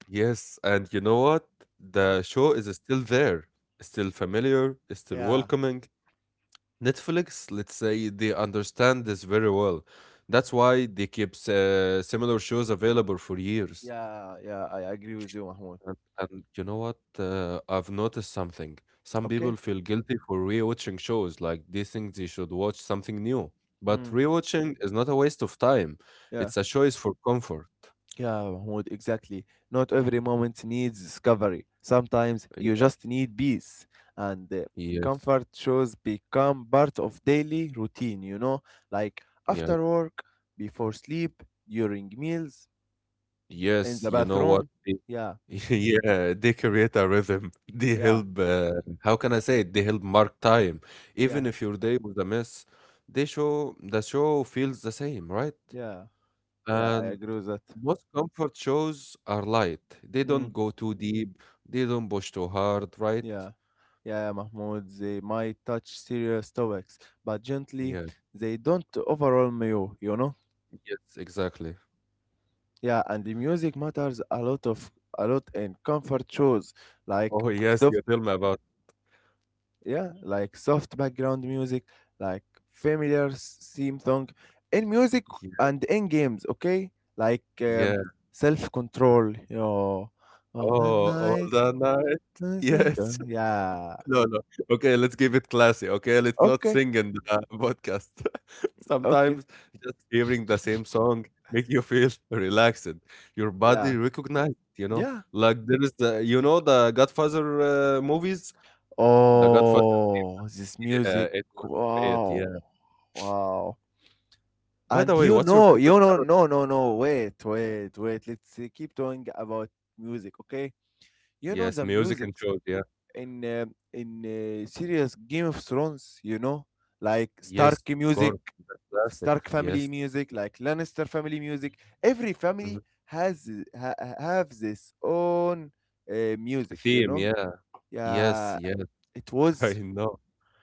Yes. And you know what? The show is still there, still familiar, still
Yeah.
welcoming. Netflix, let's say, they understand this very well. That's why they keep similar shows available for years.
Yeah, yeah, I agree with you, Mahmoud.
And you know what? I've noticed something. Some people
Okay.
feel guilty for rewatching shows, like they think they should watch something new. But
Mm,
rewatching is not a waste of time,
yeah,
it's a choice for comfort.
yeah, Mahmoud, exactly. Not every moment needs discovery. Sometimes you
Yeah.
just need peace. And
Yes.
comfort shows become part of daily routine, you know? Like
Yeah.
after work, before sleep, during meals, in
Yes,
the
you know what?
bathroom.
They-
Yeah,
<laughs> Yeah, they create a rhythm. <laughs> They
yeah,
help, how can I say it? They help mark time.
yeah,
Even if your day was a mess, the show feels the same, right?
yeah, yeah, I
And
agree with that.
most comfort shows are light. They
Mm.
don't go too deep. They don't push too hard, right?
Yeah, yeah, Mahmoud, they might touch serious topics, but gently,
Yeah,
they don't overwhelm you, you know?
yes, exactly.
Yeah, and the music matters a lot of a lot in comfort shows, like
Oh, yes,
soft,
you tell me about.
yeah, like soft background music, like familiar theme song, in music
Yeah,
and in games, okay? Like
yeah.
self-control, you know, oh, the
Oh, all
night,
the night. <laughs>
the sun-
Yes.
yeah,
No, no. Okay, let's give it classy. Okay, let's not
okay,
sing in the <laughs> podcast. <laughs>
okay,
Sometimes just hearing the same song make you feel <laughs> relaxed. Your
yeah,
body recognize, you know,
yeah.
like there is the, you know, the Godfather movies. The Godfather,
Oh, this
yeah,
music.
it was great.
Wow.
Yeah.
Wow.
By the
And
way, what's your favorite
you know,
character?
no, no, no, wait, wait, wait. Let's keep talking about music, okay? You know
Yes,
the
music
music
and shows. Yeah.
in uh, in serious Game of Thrones, you know, like Stark
Yes, of
music,
course. Classic.
Stark family
Yes.
music, like Lannister family music. Every
Mhm.
family have this own music, you
Theme.
know?
Yeah. Yes.
Yeah,
Yes.
it
<laughs> I
was
know.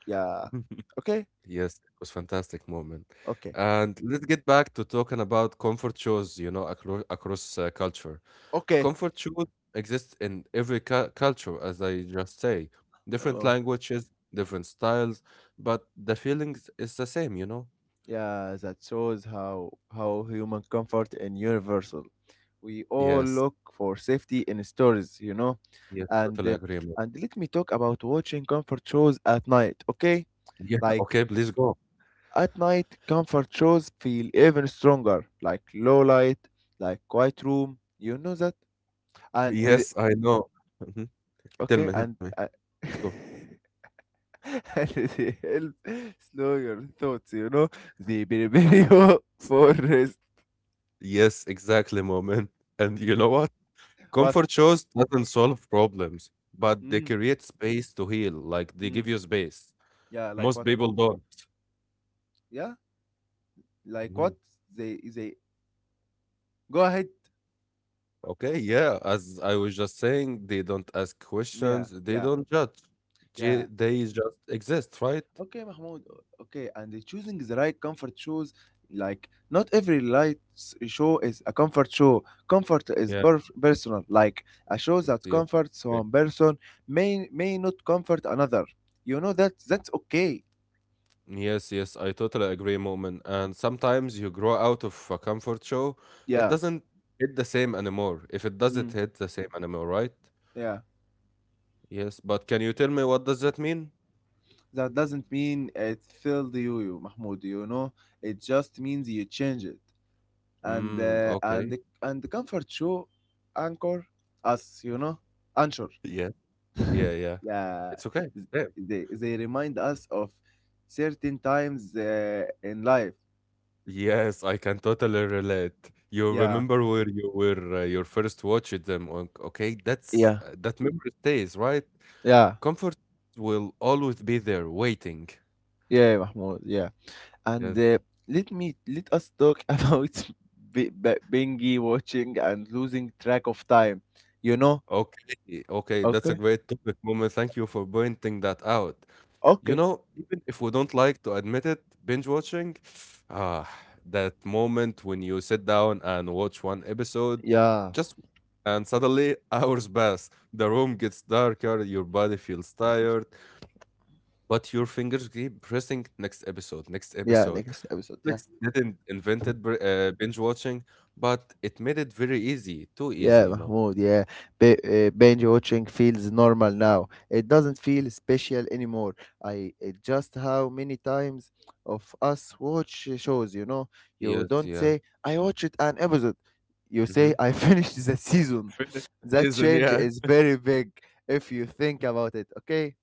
yeah.
<laughs>
Okay,
Yes, it was fantastic moment.
Okay.
And let's get back to talking about comfort shoes, you know, across culture.
Okay.
Comfort shoes exist in every culture, as I just say. Different
Oh,
languages, different styles, but the feelings is the same, you know?
yeah, that shows how human comfort is universal. We all
Yes,
look for safety in stories, you know.
yes,
And
totally
uh,
agreement.
and let me talk about watching comfort shows at night, okay?
Yeah,
Like
okay, please go.
at night, comfort shows feel even stronger, like low light, like quiet room. You know that? And
Yes, I know. Mhm. Tell
okay,
me, tell
and
me.
<laughs>
Go.
<laughs> and they help slow your thoughts, you know? The Birberio <laughs> forest.
Yes, exactly, moment. And you know what?
What?
Comfort shows doesn't solve problems, but they
Mm,
create space to heal. Like they give
mm.
you space.
Yeah, like
Most
what?
people don't.
Yeah, like
Mhm.
what? They, they, go ahead.
Okay, yeah. As I was just saying, they don't ask
Yeah,
questions. They
yeah,
don't judge.
yeah.
They just exist, right?
Okay, Mahmoud. Okay, and the choosing the right comfort shoes, like not every light show is a comfort show. Comfort is
Yeah.
personal. Like a show
Yes,
that
yes, I
comforts
agree.
one person may not comfort another. You know that's okay.
Yes, yes, I totally agree, Moment. And sometimes you grow out of a comfort show. It
Yeah.
doesn't hit the same anymore. If it doesn't
Mm.
hit the same anymore, right?
Yeah.
Yes, but can you tell me what does that mean?
That doesn't mean it filled you, you Mahmoud, you know. It just means you change it. And
Mm,
uh, and
okay.
the, and the comfort show anchor us, you know. Anchor.
Yes. Yeah, yeah.
<laughs> yeah.
It's okay. Yeah.
They remind us of certain times in life.
Yes, I can totally relate. You
Yeah.
remember where you were your first watch at them. Okay, that's
Yeah.
that memory stays, right?
Yeah,
Comfort will always be there waiting.
yeah, Mahmoud, yeah. And
Yes.
let me let us talk <laughs> about bingy watching and losing track of time. You know?
Okay. Okay, that's a
Okay.
great topic, Moment. Thank you for pointing that out. You
Okay.
know, even if we don't like to admit it, binge watching, <sighs> ah, that moment when you sit down and watch one episode,
Yeah,
just and suddenly <laughs> hours pass. The room gets darker, your body feels tired, but your fingers keep pressing next episode, next
yeah,
episode.
next episode. Yeah,
Netflix didn't invented binge watching, but it made it very easy, too easy,
yeah,
you know.
Mahmoud. Yeah, Ba binge watching feels normal now. It doesn't feel special anymore. I it just how many times of us watch shows, you know? You
Yes,
don't
yeah.
say I watched an episode. You
Mm-hmm.
say I <laughs> finished the season. <laughs> That
Season,
change
yeah.
is very big if you think about it. Okay.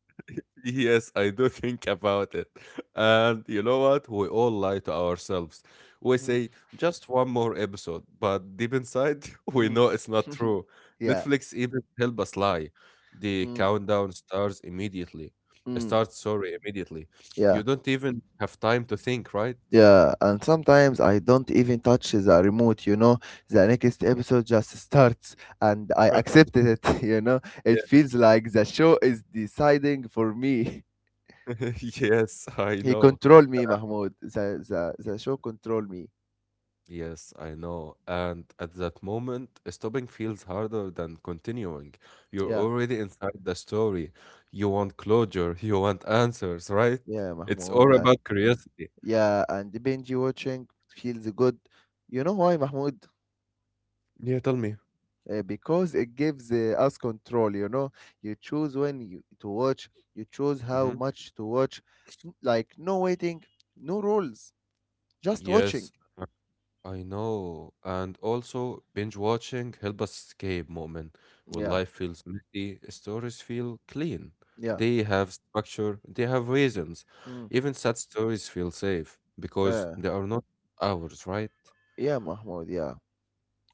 Yes, I do <laughs> think about it. And you know what? We all lie to ourselves. We
Mm,
say just one more episode, but deep inside, <laughs> we
mm.
know it's not true.
<laughs> yeah.
Netflix even help us lie. The
Mm,
countdown starts immediately.
mm,
Starts, sorry, immediately.
yeah.
You don't even have time to think, right?
Yeah, and sometimes I don't even touch the remote, The next
Yeah.
episode just starts and I
<laughs>
accepted it, <laughs> you know. It
Yes.
feels like the show is deciding for me. <laughs>
<laughs> Yes, I
He
know.
control me, Mahmoud. The show control me.
Yes, I know. And at that moment, stopping feels harder than continuing. You're
Yeah,
already inside the story. You want closure, <laughs> you want answers, right?
yeah,
It's
Mahmoud.
all
Uh,
about curiosity.
yeah, and binge watching feels good. You know why, Mahmoud?
Yeah, tell me.
Because it gives us control. You choose when you to watch, you choose how
Hmm.
much to watch, like no waiting, no rules, just watching.
Yes, uh, I know. And also, binge watching help us escape moment when
Yeah.
life feels messy, stories feel clean.
Yeah.
They have structure, they have reasons.
Mm.
Even sad stories feel safe because
uh,
they are not ours, right?
yeah Mahmoud. Yeah.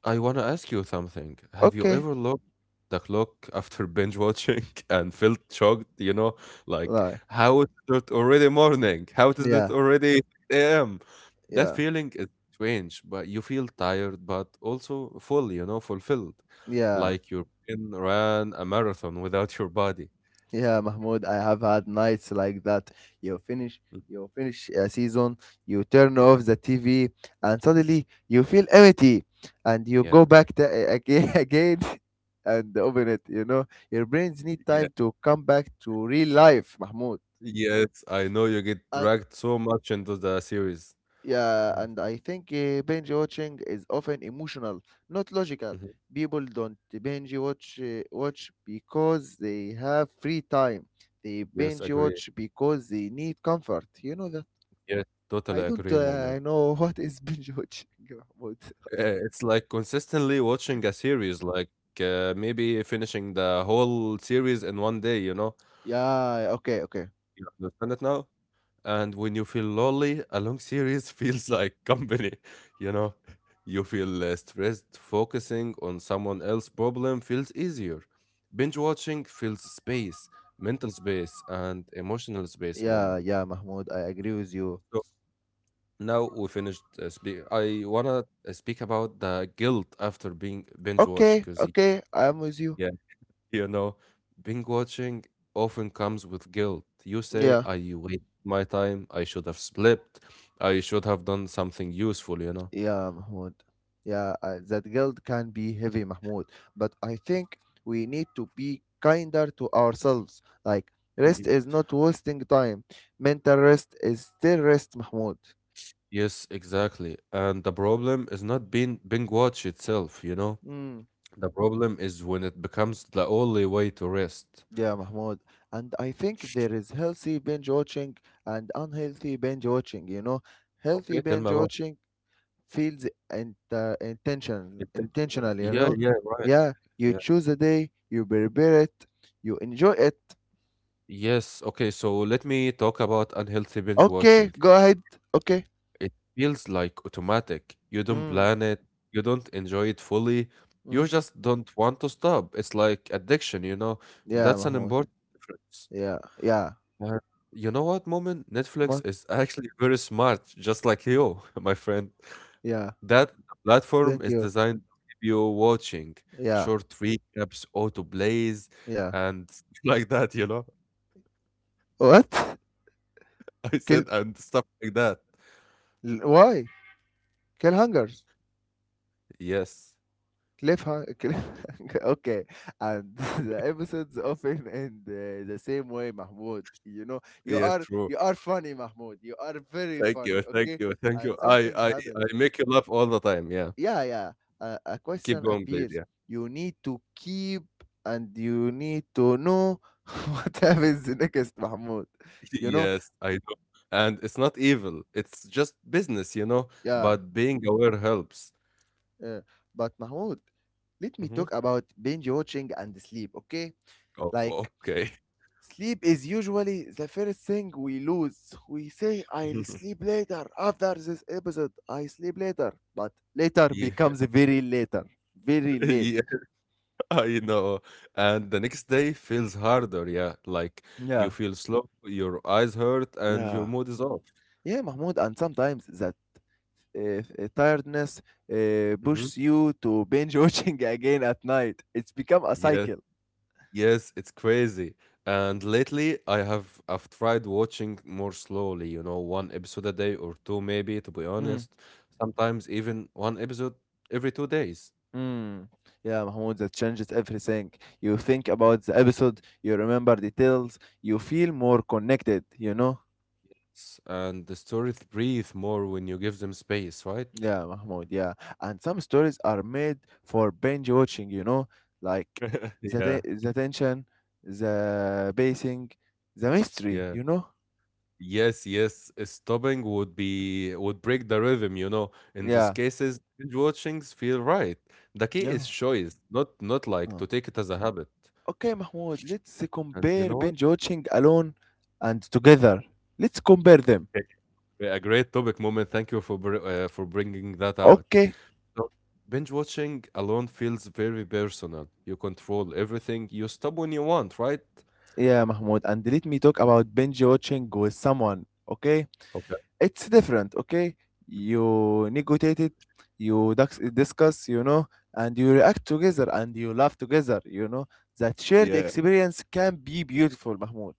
I want to ask you something. Have you
Okay.
ever looked the clock <laughs> after binge watching <laughs> and felt shocked, you know, like
Like
how is it already morning? How is it
yeah.
already 6 a.m.? That
Yeah.
feeling is strange, but you feel tired, but also full, you know, fulfilled.
Yeah.
Like your brain ran a marathon without your body.
Yeah, Mahmoud, I have had nights like that. You finish,
Mm,
you finish a season, you turn
Yeah.
off the TV, and suddenly you feel empty, and you go
Yeah.
back to, again <laughs> again and open it. You know, your brains need
Yeah.
time to come back to real life, Mahmoud.
Yes, I know you get
And
dragged so much into the series.
yeah,
Yes.
and I think binge watching is often emotional, not logical.
Mhm.
People don't binge watch watch because they have free time. They
Yes,
binge
agree.
watch because they need comfort. You know that.
Yes,
I
totally
don't
agree, Moment.
know <laughs> what is binge watching, <laughs> Mahmoud.
It's like consistently watching a series, like maybe finishing the whole series in one day, you know?
Yeah, okay, okay.
You understand it now? And when you feel lonely, a long series <laughs> feels like company, <laughs> you know? You feel stressed, focusing on someone else's problem feels easier. Binge watching fills space, mental space, and emotional space moment.
Yeah, yeah, Mahmoud, I agree with you.
So now we finished speak. I wanna speak about the guilt after being binge watched,
Okay,
because
okay, I'm with you.
you know, binge watching often comes with guilt. You say,
Yeah.
I wasted my time. I should have slept. I should have done something useful, you know?
Yeah, Mahmoud. Yeah, that guilt can be heavy, Mahmoud. But I think we need to be kinder to ourselves. Like,
Y-
rest is not wasting time. Mental rest is still rest, Mahmoud.
Yes, exactly. And the problem is not being binge watch itself, you know?
Mm,
The problem is when it becomes the only way to rest.
yeah, Mahmoud. And I think there is healthy binge watching and unhealthy binge watching. You know, healthy
Okay, tell me
binge
about
watching feels
intentional.
intentional. You
Yeah,
know,
yeah, right.
yeah, you
Yeah.
choose a day, you prepare it, you enjoy it.
Yes, okay, so let me talk about unhealthy binge
Okay,
watching.
go ahead. Okay.
It feels like automatic. You don't
Mm,
plan it, you don't enjoy it fully, you
mm.
just don't want to stop. It's like addiction, you know?
Yeah,
That's an
Mahmoud.
important difference.
Yeah, yeah.
Uh, you know what, Moment?
What?
Netflix is <laughs> actually very smart, just like you, <laughs> my friend.
Yeah.
That platform
Thank
is
you.
designed to keep you watching
Yeah,
short recaps, auto plays,
yeah.
and <laughs> stuff like that, you know?
What?
<laughs> I
Kill?
said, and stuff like that.
Why? Killhangers.
Yes,
Cliffhanger. <laughs> Okay. And <laughs> the episodes often end the same way, Mahmoud. You know,
yes, true.
you are funny, Mahmoud. You are very
Thank
funny.
you, thank
Okay.
you, thank you.
And something happens.
I make you laugh all the time. Yeah,
Yeah, yeah, a
keep
question
going, please.
appears,
Yeah,
you need to keep, and you need to know <laughs> what happens next, Mahmoud,
<laughs>
you know.
yes, I do. And it's not evil. It's just business, you know.
Yeah,
But being aware helps.
yeah. But Mahmoud, let me
Hmm.
talk about binge watching and sleep, okay?
Oh,
Like
okay.
sleep is usually the first thing we lose. We say I'll
<laughs>
sleep later, after this episode I sleep later, but later
Yeah,
becomes very later,
<laughs>
very late.
yeah, I know. And the next day feels harder. Yeah, like you
Yeah.
feel slow, your eyes hurt, and your
Yeah.
mood is off.
Yeah, Mahmoud, and sometimes that tiredness pushes you to binge watching <laughs> again at night. It's become a
Mm-hmm.
cycle.
Yes, it's crazy. And lately, I've tried watching more slowly, you know, one episode a day or two, maybe, to be
Mm,
honest. Sometimes even one episode every 2 days.
mm. Yeah, Mahmoud, that changes everything. You think about the episode, you remember details, you feel more connected, you know?
And the stories breathe more when you give them space, right?
Yeah, Mahmoud, yeah. And some stories are made for binge watching, you know? Like
<laughs>
the,
Yeah,
te- the tension, the pacing, the mystery,
yeah.
you know?
Yes, yes. Stopping would be Would break the rhythm, you know. In those
Yeah,
cases, binge watchings feel right. The key
yeah.
is choice, not like to take it as a habit.
Okay, Mahmoud, let's
And you
compare
know what?
binge watching alone and together. Let's compare them.
A great topic moment. Thank you for br for bringing that out.
Okay.
So, binge watching alone feels very personal. You control everything. You stop when you want, right?
Yeah, Mahmoud, and let me talk about binge watching with someone. Okay?
Okay.
It's different, okay? You negotiate it, you discuss, you know, and you react together and you laugh together, you know. That shared
Yeah.
experience can be beautiful, Mahmoud.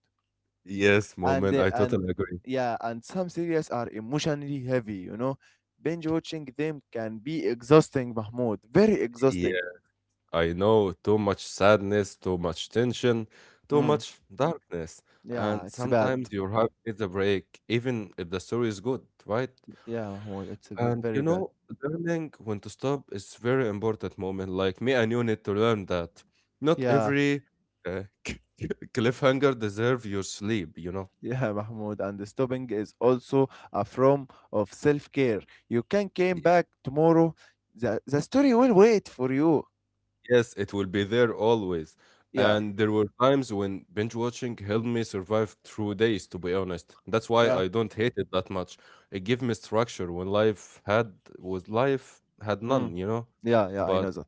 Yes,
And
moment.
uh,
I
and
totally agree.
yeah, and some series are emotionally heavy, you know, binge watching them can be exhausting, Mahmoud, very exhausting.
Yeah. I know too much sadness, too much tension, too
Mm.
much darkness,
Yeah,
and
it's bad.
sometimes your heart needs a break, even if the story is good, right?
Yeah, Mahmoud, it's a bit
And you
very bad.
know, learning when to stop is very important moment. Like me and you need to learn that not
Yeah,
every <laughs> cliffhanger deserve your sleep. You know.
yeah, <laughs> Mahmoud, and stopping is also a form of self-care. You can come
Ye-
back tomorrow, the story will wait for you.
Yes, it will be there always.
Yeah.
And there were times when binge watching helped me survive through days. To be honest, that's why
Yeah.
I don't hate it that much. It gave me structure when life had was life had
Mm.
none. You know,
Yeah, yeah, I know
but
that.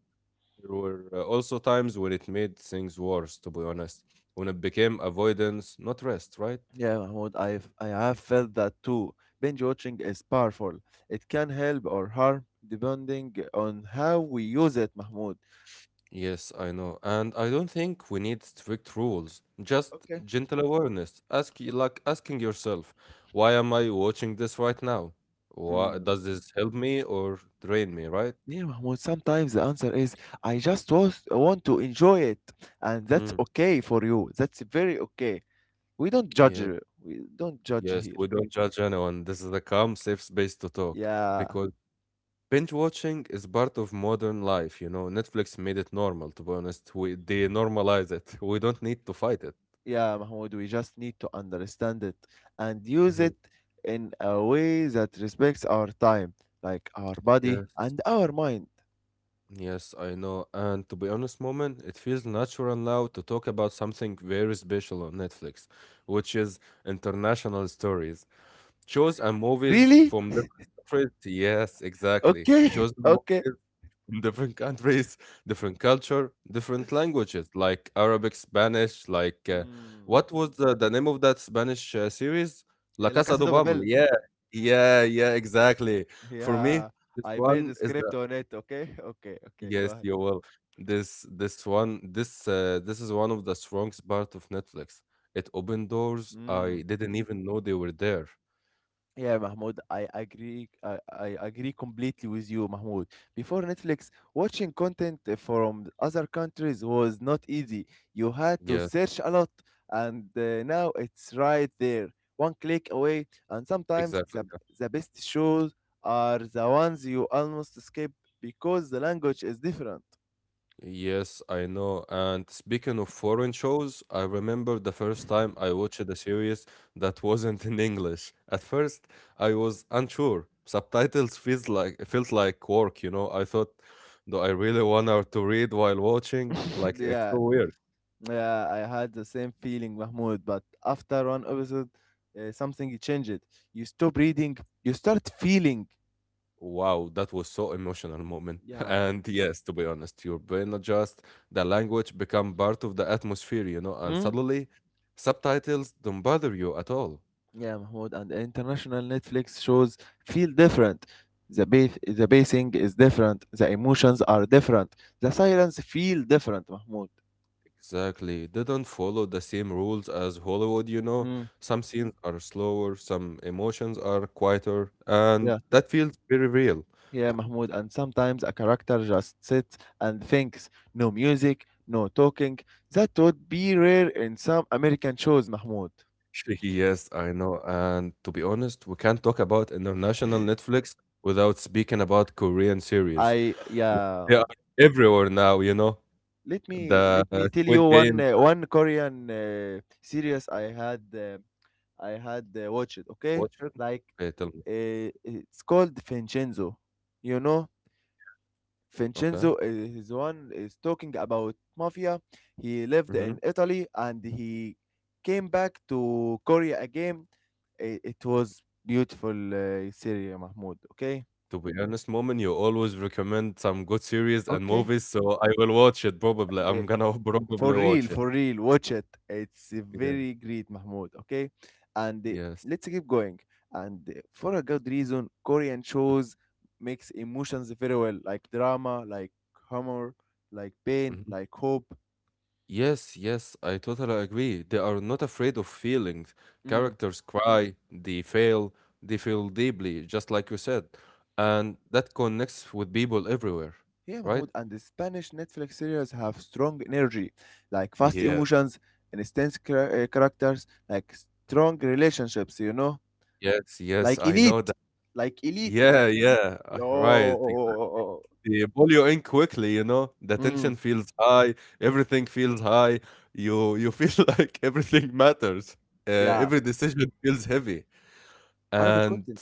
there were also times when it made things worse, to be honest, when it became avoidance, not rest, right?
Yeah, Mahmoud, I have felt that too. Binge watching is powerful. It can help or harm depending on how we use it, Mahmoud.
Yes, I know. And I don't think we need strict rules, just
Okay.
gentle awareness. Ask, like asking yourself, why am I watching this right now? Why,
Mm.
does this help me or drain me, right?
Yeah, Mahmoud, sometimes the answer is want to enjoy it, and that's
Hmm.
okay for you. That's very okay. We don't judge
Yeah.
you. We don't judge
Yes,
here.
we don't judge anyone. This is a calm, safe space to talk
Yeah,
because binge watching is part of modern life, you know. Netflix made it normal, to be honest. We they normalize it. <laughs> We don't need to fight it.
yeah, Mahmoud, we just need to understand it and use it
Mhm.
in a way that respects our time, like our body
Yes,
and our mind.
yes, I know. And to be honest, moment, it feels natural now to talk about something very special on Netflix, which is international stories. Shows and movies
Really?
from different countries. Yes, exactly.
Okay,
Shows and
<laughs> okay.
movies from different countries, different culture, different languages, like Arabic, Spanish. Like,
Mm.
what was the name of that Spanish series? La
La
Casa
Casa
de
de
Papel.
Papel.
Yeah, yeah, yeah, exactly. For me,
Yeah,
this
I made
one
the
is
script
the
on it. Okay, <laughs> okay, okay. Go
yes,
ahead.
you will. This this is one of the strongest part of Netflix. It opened doors I
Mm.
didn't even know they were there.
Yeah, Mahmoud, I agree. I agree completely with you, Mahmoud. Before Netflix, watching content from other countries was not easy. You had to
Yeah,
search a lot, and now it's right there, one click away. And sometimes
exactly.
the best shows are the ones you almost skip because the language is different.
Yes, I know. And speaking of foreign shows, I remember the first time I watched a series that wasn't in English. At first, I was unsure. Subtitles feels like felt like work, you know. I thought, do I really want her to read while watching?
<laughs>
Like it's
Yeah.
so weird.
Yeah, I had the same feeling, Mahmoud. But after one episode, something changed. You stop reading, you start feeling.
Wow, that was so emotional moment. <laughs>
Yeah.
And yes, to be honest, your brain adjust, the language become part of the atmosphere, you know, and
Hmm?
suddenly subtitles don't bother you at all.
Yeah, Mahmoud. And international Netflix shows feel different. The pacing is different. The emotions are different. The silence feel different, Mahmoud.
Exactly. It didn't follow the same rules as Hollywood, you know.
Mm,
Some scenes are slower, some emotions are quieter, and
yeah,
that feels very real.
yeah, Mahmoud. And sometimes a character just sits and thinks. No music, no talking. That would be rare in some American shows, Mahmoud.
<laughs> Yes, I know. And to be honest, we can't talk about international Netflix without speaking about Korean series.
I
Like,
yeah.
they are everywhere now, you know.
Let me
The
let me tell you
Squid Game.
one Korean series I had watched. Okay,
Watch it.
like
Okay, tell me.
it's called Vincenzo. You know,
Okay.
Vincenzo is one is talking about mafia. He lived
Mm-hmm.
in Italy and he came back to Korea again. It was beautiful series, Mahmoud. Okay,
To be honest, moment you always recommend some good series and
okay.
movies, so I will watch it probably. I'm gonna <laughs>
For
probably
real,
watch it.
for real, watch it. It's
Yeah.
very great, Mahmoud. Okay, and
Yes.
let's keep going. And for a good reason, Korean
Mm,
shows mix emotions very well, like drama, like humor, like pain,
mhm.
like hope.
Yes, yes, I totally agree. They are not afraid of feelings.
Mm.
Characters cry, they fail, they feel deeply, just like you said. And that connects with people everywhere,
Yeah,
right?
Mahmoud. And the Spanish Netflix series have strong energy, like fast
Yeah.
emotions, and intense characters, like strong relationships. You know,
Yes, yes,
like
I know
elite,
that.
like elite.
Yeah, yeah, I- right, exactly.
Oh,
They pull you in quickly, you know. The tension
mm.
feels high, everything feels high. You feel <laughs> like everything matters.
Yeah.
Every decision feels heavy.
Arabic
And
content.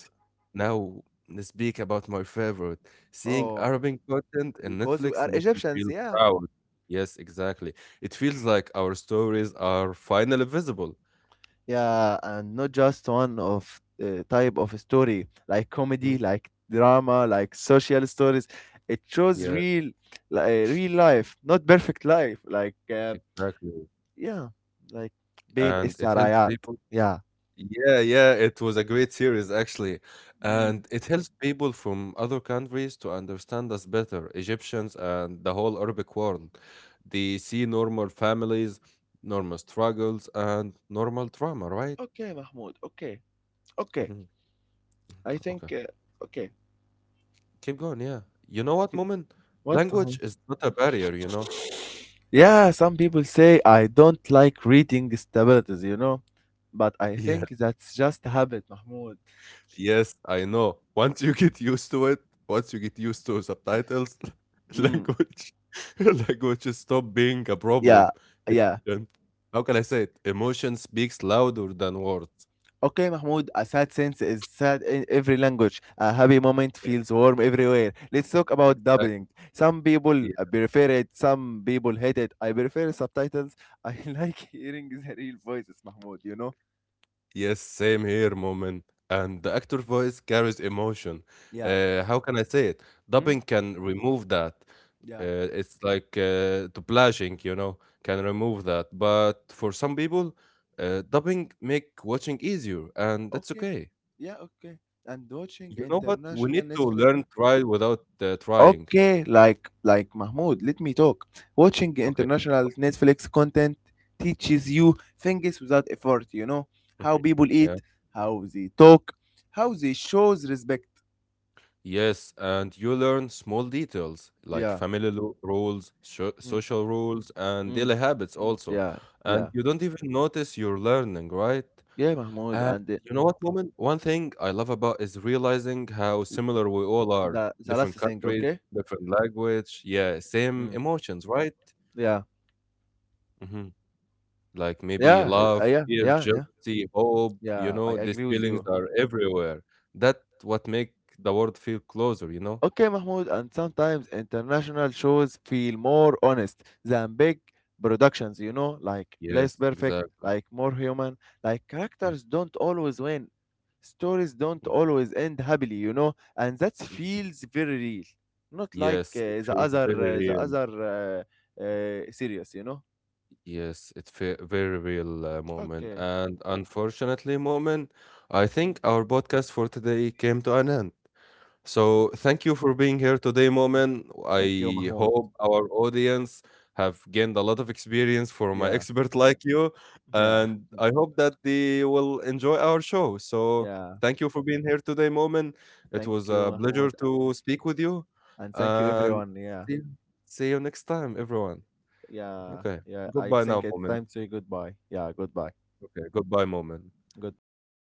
now let's speak about my favorite. Seeing
Oh,
Arabic content in
because we
Netflix
are
makes you
Egyptians,
feel
yeah.
proud. Yes, exactly. It feels like our stories are finally visible.
Yeah, and not just one of type of story, like
Mhm.
comedy, like drama, like social stories. It shows
Yeah,
real, like real life, not perfect life. Like,
exactly.
yeah, like being
And it helps
السرايات.
people
Yeah.
yeah, yeah, it was a great series actually, and
Mm.
it helps people from other countries to understand us better, Egyptians and the whole Arabic world. They see normal families, normal struggles, and normal trauma, right?
Okay, Mahmoud. Okay. Okay.
Hmm.
I think,
Okay,
okay.
keep going. Yeah, you know what, Moment?
What?
Language
Mahmoud?
is not a barrier, you know.
Yeah, some people say I don't like reading stabilities, you know? But I
Yeah.
think that's just a habit, Mahmoud.
Yes, I know. Once you get used to it, once you get used to subtitles, <laughs>
Mm,
language <laughs> language stop being a
yeah,
problem.
yeah.
Emotion- How can I say it? Emotion speaks louder than words.
Okay, Mahmoud, a sad sense is sad in every language. A happy moment
Yeah,
feels warm everywhere. Let's talk about
exactly.
dubbing. Some people prefer it, some people hate it. I prefer subtitles. <laughs> I like hearing the real voices, Mahmoud, you know?
Yes, same here, moment. And the actor voice carries emotion.
Yeah.
How can I say it?
Mm?
Dubbing can remove that.
Yeah.
It's like dublaging, you know, can remove that. But for some people, dubbing make watching easier, and that's
Okay.
okay.
Yeah, okay. And watching
You know what? We
international
need to
Netflix.
learn trial without trying.
Okay, like Mahmoud, let me talk. Watching
Okay.
international Netflix content teaches you things without effort, you know? How
Mhm.
people
Yeah.
eat, how they talk, how they shows respect.
Yes, and you learn small details like
Yeah.
rules, sho
Mm,
social rules, and
mm,
daily habits also.
yeah,
And
yeah.
you don't even notice you're learning, right?
Yeah, Mahmoud,
And
and
you know what, woman? One thing I love about is realizing how similar we all are.
the last
Different
thing,
countries,
okay?
different language, yeah, same
Mm,
emotions, right?
yeah.
Hmm. Like maybe
Yeah,
love,
yeah,
fear,
yeah, yeah.
jealousy, hope, you
Yeah, I
know, these
agree with
feelings
you.
are everywhere. That what make the world feel closer, you know?
Okay, Mahmoud, and sometimes international shows feel more honest than big productions, you know, like less
Yes,
perfect,
exactly.
like more human, like
Mm,
characters don't always win, stories don't
y-
always end happily, you know, and that
y-
feels very real, not like
yes, it feels very
the
real.
other series, you know.
Yes, it's a very real moment.
Okay.
And unfortunately, moment, I
Mm,
think our podcast for today came to an end. So thank you for being here today,
okay.
Momen.
Thank you,
I
Mahmoud.
hope our audience have gained a lot of experience from an
Yeah,
expert like you,
yeah,
and I hope that they will enjoy our show.
<laughs>
So
yeah.
thank you for being here today, Momen. It
Thank
was
you,
a pleasure
Mahmoud,
to speak with you,
and thank you,
and
everyone. Yeah.
see see you next time, everyone.
Yeah,
Okay,
yeah. I
goodbye now,
think it's
Momen.
time to say goodbye. Yeah, goodbye.
Okay, goodbye, Momen.
Goodbye, Mahmoud.